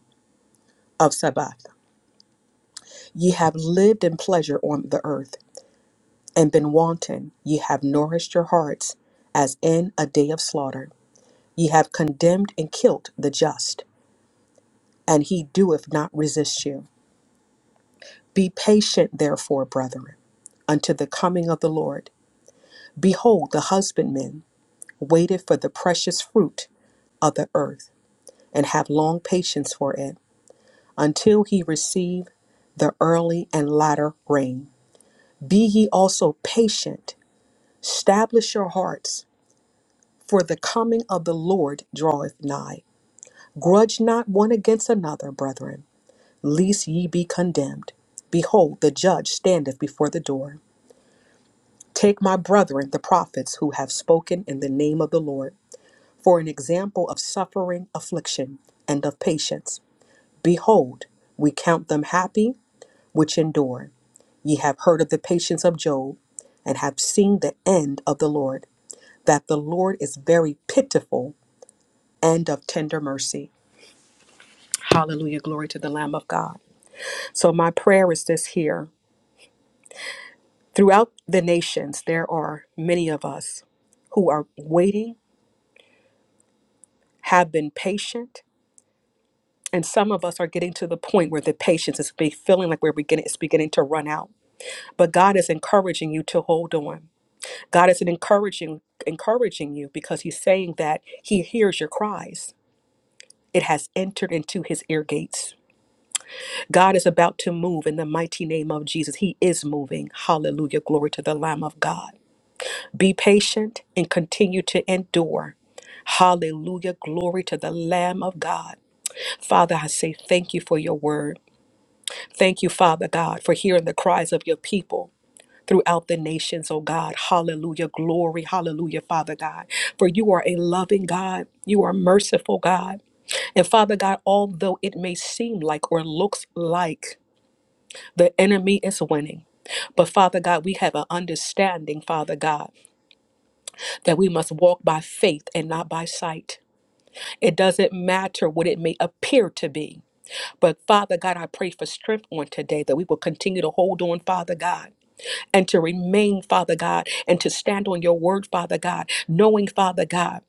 of Sabbath. Ye have lived in pleasure on the earth and been wanton. Ye have nourished your hearts as in a day of slaughter. Ye have condemned and killed the just, and he doeth not resist you. Be patient, therefore, brethren, unto the coming of the Lord. Behold, the husbandman waited for the precious fruit of the earth, and have long patience for it, until he receive the early and latter rain. Be ye also patient, establish your hearts, for the coming of the Lord draweth nigh. Grudge not one against another, brethren, lest ye be condemned. Behold, the judge standeth before the door. Take my brethren, the prophets who have spoken in the name of the Lord, for an example of suffering, affliction, and of patience. Behold, we count them happy which endure. Ye have heard of the patience of Job, and have seen the end of the Lord, that the Lord is very pitiful and of tender mercy. Hallelujah, glory to the Lamb of God. So, my prayer is this here. Throughout the nations, there are many of us who are waiting, have been patient, and some of us are getting to the point where the patience is be feeling like we're beginning, it's beginning to run out. But God is encouraging you to hold on. God is encouraging, encouraging you because He's saying that He hears your cries. It has entered into His ear gates. God is about to move in the mighty name of Jesus. He is moving. Hallelujah. Glory to the Lamb of God. Be patient and continue to endure. Hallelujah. Glory to the Lamb of God. Father, I say thank you for your word. Thank you, Father God, for hearing the cries of your people. Throughout the nations, oh God. Hallelujah. Glory. Hallelujah, Father God. For you are a loving God. You are merciful God. And Father God, although it may seem like or looks like the enemy is winning, but Father God, we have an understanding, Father God. that we must walk by faith and not by sight. It doesn't matter what it may appear to be. But Father God, I pray for strength on today that we will continue to hold on, Father God, and to remain, Father God, and to stand on your word, Father God, knowing, Father God.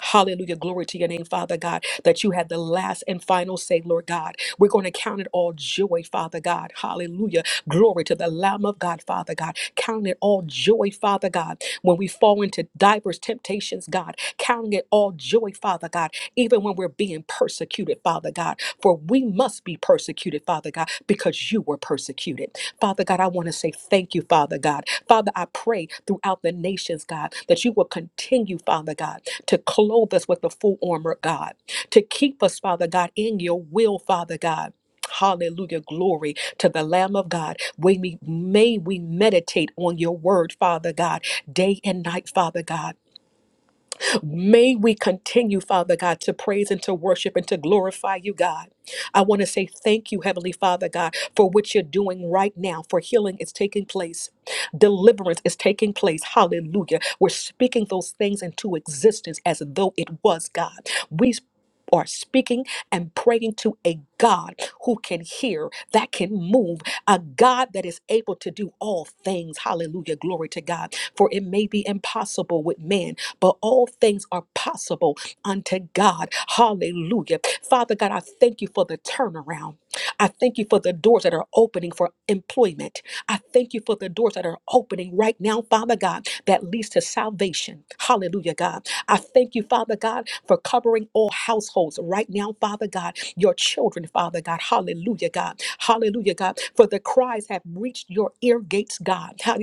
Hallelujah. Glory to your name, Father God, that you had the last and final say, Lord God. We're going to count it all joy, Father God. Hallelujah. Glory to the Lamb of God, Father God. Count it all joy, Father God, when we fall into diverse temptations, God. Counting it all joy, Father God, even when we're being persecuted, Father God. For we must be persecuted, Father God, because you were persecuted. Father God, I want to say thank you, Father God. Father, I pray throughout the nations, God, that you will continue, Father God to clothe us with the full armor, of God, to keep us, Father God, in your will, Father God. Hallelujah. Glory to the Lamb of God. We may may we meditate on your word, Father God, day and night, Father God. May we continue, Father God, to praise and to worship and to glorify you, God. I want to say thank you, Heavenly Father God, for what you're doing right now, for healing is taking place. Deliverance is taking place. Hallelujah. We're speaking those things into existence as though it was God. We are speaking and praying to a God who can hear, that can move, a God that is able to do all things. Hallelujah. Glory to God. For it may be impossible with man, but all things are possible unto God. Hallelujah. Father God, I thank you for the turnaround. I thank you for the doors that are opening for employment. I thank you for the doors that are opening right now, Father God, that leads to salvation. Hallelujah, God. I thank you, Father God, for covering all households right now, Father God, your children, Father God. Hallelujah, God. Hallelujah, God. For the cries have reached your ear gates, God. Hallelujah.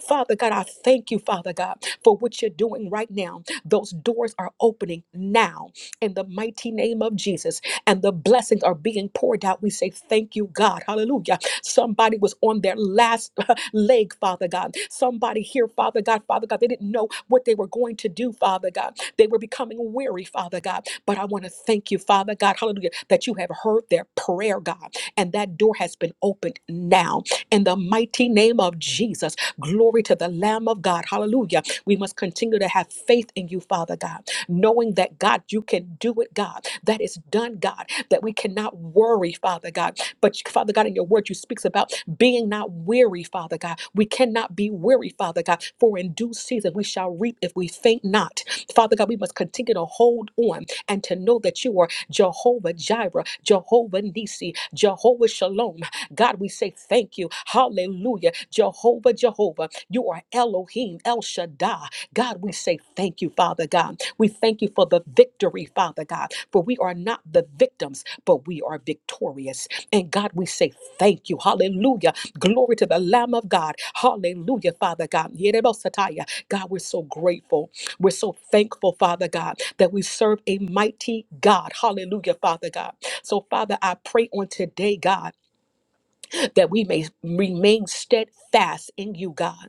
Father God, I thank you, Father God, for what you're doing right now. Those doors are opening now in the mighty name of Jesus, and the blessings are being poured out. We say thank you, God. Hallelujah. Somebody was on their last leg, Father God. Somebody here, Father God, Father God, they didn't know what they were going to do, Father God. They were becoming weary, Father God. But I want to thank you, Father God, hallelujah, that you have heard their prayer, God, and that door has been opened now. In the mighty name of Jesus, glory to the Lamb of God, hallelujah. We must continue to have faith in you, Father God, knowing that, God, you can do it, God. That is done, God, that we cannot worry, Father God but Father God, in your word, you speaks about being not weary, Father God. We cannot be weary, Father God, for in due season we shall reap if we faint not. Father God, we must continue to hold on and to know that you are Jehovah Jireh, Jehovah Nisi, Jehovah Shalom. God, we say thank you. Hallelujah. Jehovah, Jehovah, you are Elohim, El Shaddai. God, we say thank you, Father God. We thank you for the victory, Father God, for we are not the victims, but we are victorious. And God, we say thank you. Hallelujah. Glory to the Lamb of God. Hallelujah, Father God. Yerebosataya. God, we're so grateful. We're so thankful, Father God, that we serve a mighty God. Hallelujah, Father God. So, Father, I pray on today, God, that we may remain steadfast in you, God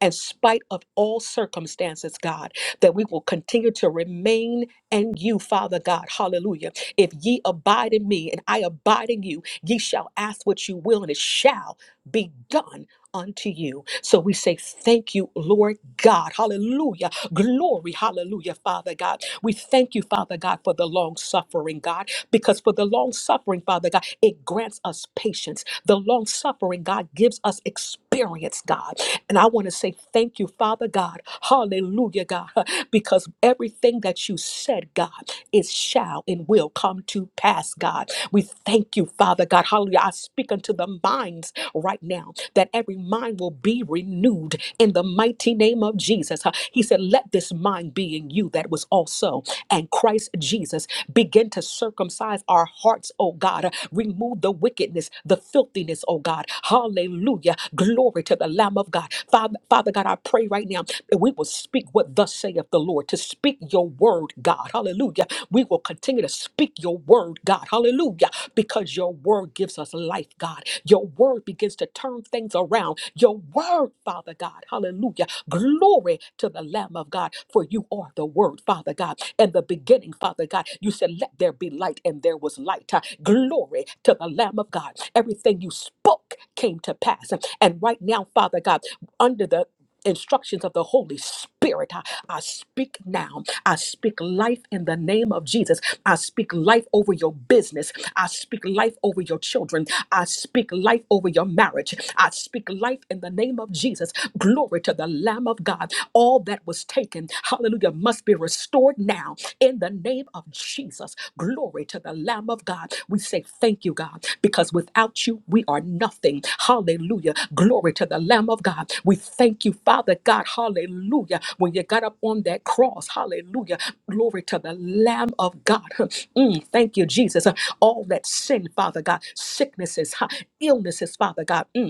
in spite of all circumstances, God, that we will continue to remain in you, Father God. Hallelujah. If ye abide in me and I abide in you, ye shall ask what you will, and it shall be done unto you. So we say, Thank you, Lord God. Hallelujah. Glory. Hallelujah, Father God. We thank you, Father God, for the long suffering, God, because for the long suffering, Father God, it grants us patience. The long suffering, God, gives us experience, God. And I want to say thank you, Father God. Hallelujah, God. Because everything that you said, God, is shall and will come to pass, God. We thank you, Father God. Hallelujah. I speak unto the minds right now that every mind will be renewed in the mighty name of Jesus. Huh. He said, Let this mind be in you that was also and Christ Jesus begin to circumcise our hearts, oh God. Remove the wickedness, the filthiness, oh God. Hallelujah. Hallelujah. Glory to the Lamb of God. Father, Father God, I pray right now that we will speak what thus saith the Lord, to speak your word, God. Hallelujah. We will continue to speak your word, God. Hallelujah. Because your word gives us life, God. Your word begins to turn things around. Your word, Father God. Hallelujah. Glory to the Lamb of God, for you are the word, Father God. And the beginning, Father God, you said, Let there be light, and there was there was light. Uh, Glory to the Lamb of God. Everything you spoke came to pass. And right now, Father God, under the instructions of the Holy Spirit, I, I speak now. I speak life in the name of Jesus. I speak life over your business. I speak life over your children. I speak life over your marriage. I speak life in the name of Jesus. Glory to the Lamb of God. All that was taken taken, hallelujah, must be restored now in the name of Jesus. Glory to the Lamb of God. We say thank you, God, because without you, we are nothing. Hallelujah. Glory to the Lamb of God. We thank you, Father God. Hallelujah. When you got up on that cross, hallelujah. Glory to the Lamb of God. Mm, thank you, Jesus. All that sin, Father God, sicknesses, huh, illnesses, Father God. Mm,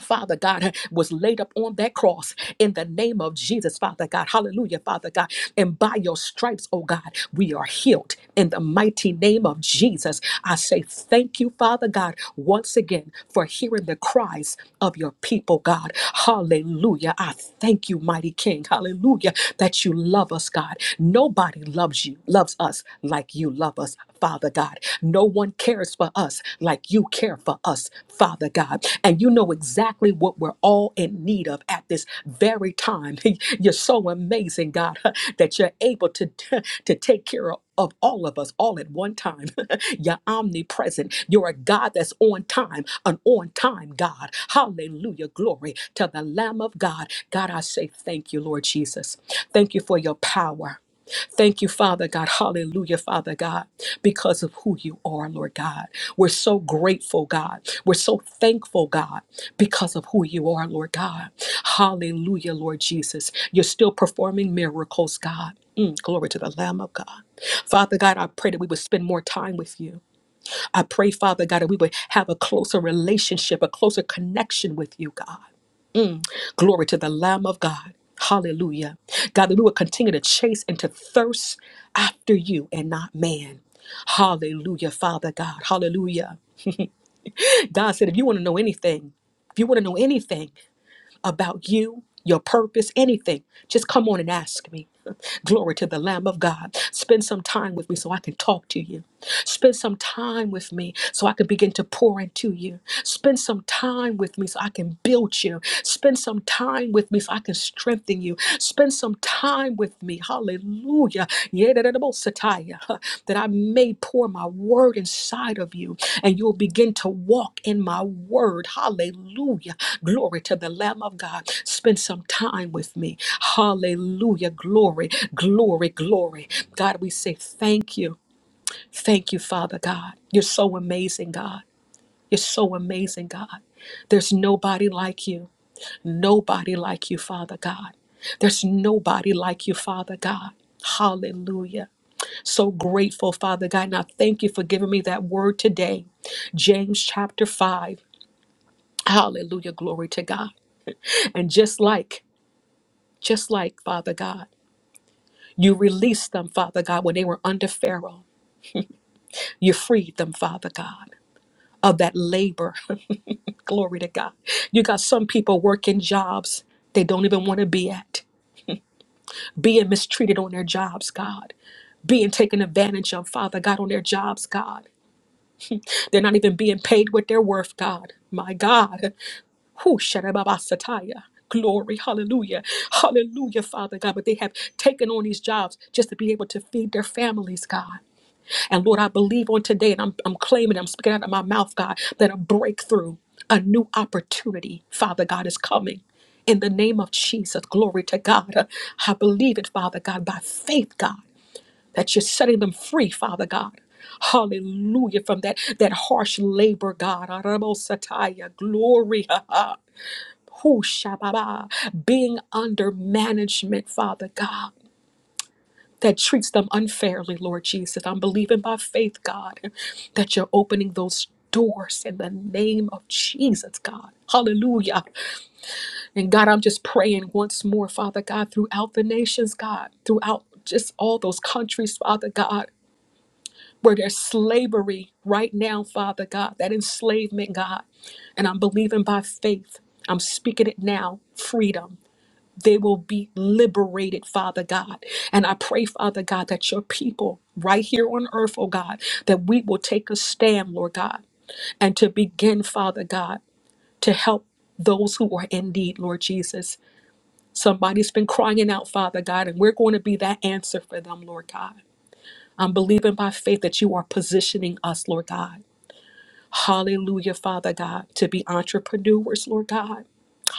Father God, was laid up on that cross in the name of Jesus, Father God. Hallelujah, Father God. And by your stripes, oh God, we are healed in the mighty name of Jesus. I say thank you, Father God, once again for hearing the cries of your people, God. Hallelujah. I thank you, mighty King. Hallelujah, that you love us, God. Nobody loves you, loves us like you love us, Father God. No one one cares for us like you care for us, Father God. And you know exactly what we're all in need of at this very time. You're so amazing, God, that you're able to, to take care of. Of all of us, all at one time. You're omnipresent. You're a God that's on time, an on time God. Hallelujah. Glory to the Lamb of God. God, I say thank you, Lord Jesus. Thank you for your power. Thank you, Father God. Hallelujah, Father God, because of who you are, Lord God. We're so grateful, God. We're so thankful, God, because of who you are, Lord God. Hallelujah, Lord Jesus. You're still performing miracles, God. Mm, glory to the Lamb of God. Father God, I pray that we would spend more time with you. I pray, Father God, that we would have a closer relationship, a closer connection with you, God. Glory to the Lamb of God. Hallelujah. God, that we would continue to chase and to thirst after you and not man. Hallelujah, Father God. Hallelujah. God said, if you want to know anything, if you want to know anything, about you, your purpose, anything, just come on and ask me. Glory to the Lamb of God. Spend some time with me so I can talk to you. Spend some time with me so I can begin to pour into you. Spend some time with me so I can build you. Spend some time with me so I can strengthen you. Spend some time with me. Hallelujah. Yedididibosataya. That I may pour my word inside of you and you'll begin to walk in my word. Hallelujah. Glory to the Lamb of God. Spend some time with me. Hallelujah. Glory, glory, glory. God, we say thank you. Thank you, Father God. You're so amazing, God. You're so amazing, God. There's nobody like you nobody like you, Father God. There's nobody like you, Father God. Hallelujah. So grateful, Father God. And I thank you for giving me that word today. James chapter 5. Hallelujah. Glory to God. And just like, just like, Father God, you released them, Father God, when they were under Pharaoh. You freed them, Father God, of that labor. Glory to God. You got some people working jobs they don't even want to be at, being mistreated on their jobs, God. being taken advantage of, Father God, on their jobs, God. They're not even being paid what they're worth, God. My God. Who Sataya. Glory, hallelujah, hallelujah, Father God. But they have taken on these jobs just to be able to feed their families, God. And Lord, I believe on today, and I'm, I'm claiming, I'm speaking out of my mouth, God, that a breakthrough, a new opportunity, Father God, is coming. In the name of Jesus, glory to God. I believe it, Father God, by faith, God that you're setting them free, Father God. Hallelujah. From that, that harsh labor, God. Arabosataya. Glory. Ha, ha. Hu shababa. Being under management, Father God. That treats them unfairly, Lord Jesus. I'm believing by faith, God, that you're opening those doors in the name of Jesus, God. Hallelujah. And God, I'm just praying once more, Father God, throughout the nations, God, throughout just all those countries, Father God. where there's slavery right now, Father God, that enslavement, God. And I'm believing by faith. I'm speaking it now freedom. They will be liberated, Father God. And I pray, Father God, that your people right here on earth, oh God, that we will take a stand, Lord God, and to begin, Father God, to help those who are in need, Lord Jesus. Somebody's been crying out, Father God, and we're going to be that answer for them, Lord God. I'm believing by faith that you are positioning us, Lord God. Hallelujah, Father God, to be entrepreneurs, Lord God.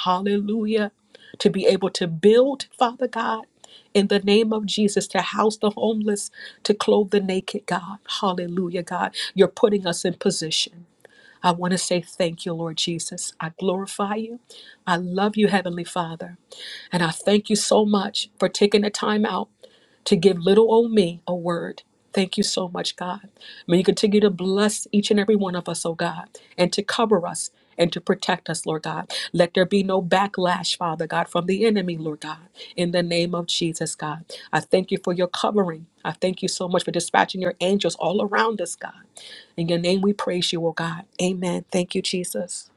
Hallelujah. To be able to build, Father God, in the name of Jesus, to house the homeless, to clothe the naked, God. Hallelujah, God. You're putting us in position. I want to say thank you, Lord Jesus. I glorify you. I love you, Heavenly Father. And I thank you so much for taking the time out to give little old me a word. Thank you so much, God. May you continue to bless each and every one of us, oh God, and to cover us and to protect us, Lord God. Let there be no backlash, Father God, from the enemy, Lord God, in the name of Jesus, God. I thank you for your covering. I thank you so much for dispatching your angels all around us, God. In your name we praise you, oh God. Amen. Thank you, Jesus.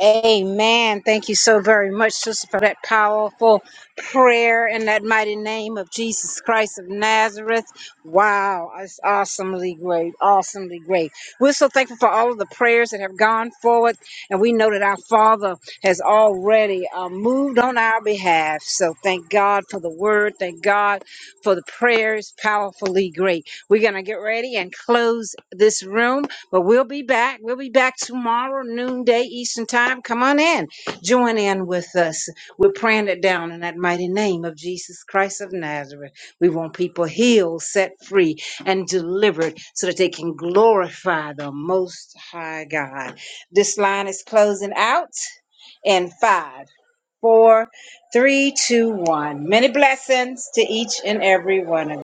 Amen. Thank you so very much, sister, for that powerful prayer in that mighty name of Jesus Christ of Nazareth. Wow, it's awesomely great, awesomely great. We're so thankful for all of the prayers that have gone forward, and we know that our Father has already uh, moved on our behalf. So thank God for the word. Thank God for the prayers, powerfully great. We're going to get ready and close this room. But we'll be back. We'll be back tomorrow, noonday Eastern time. Come on in. Join in with us. We're praying it down in that mighty name of Jesus Christ of Nazareth. We want people healed, set free, and delivered so that they can glorify the Most High God. This line is closing out in five, four, three, two, one. Many blessings to each and every one of you.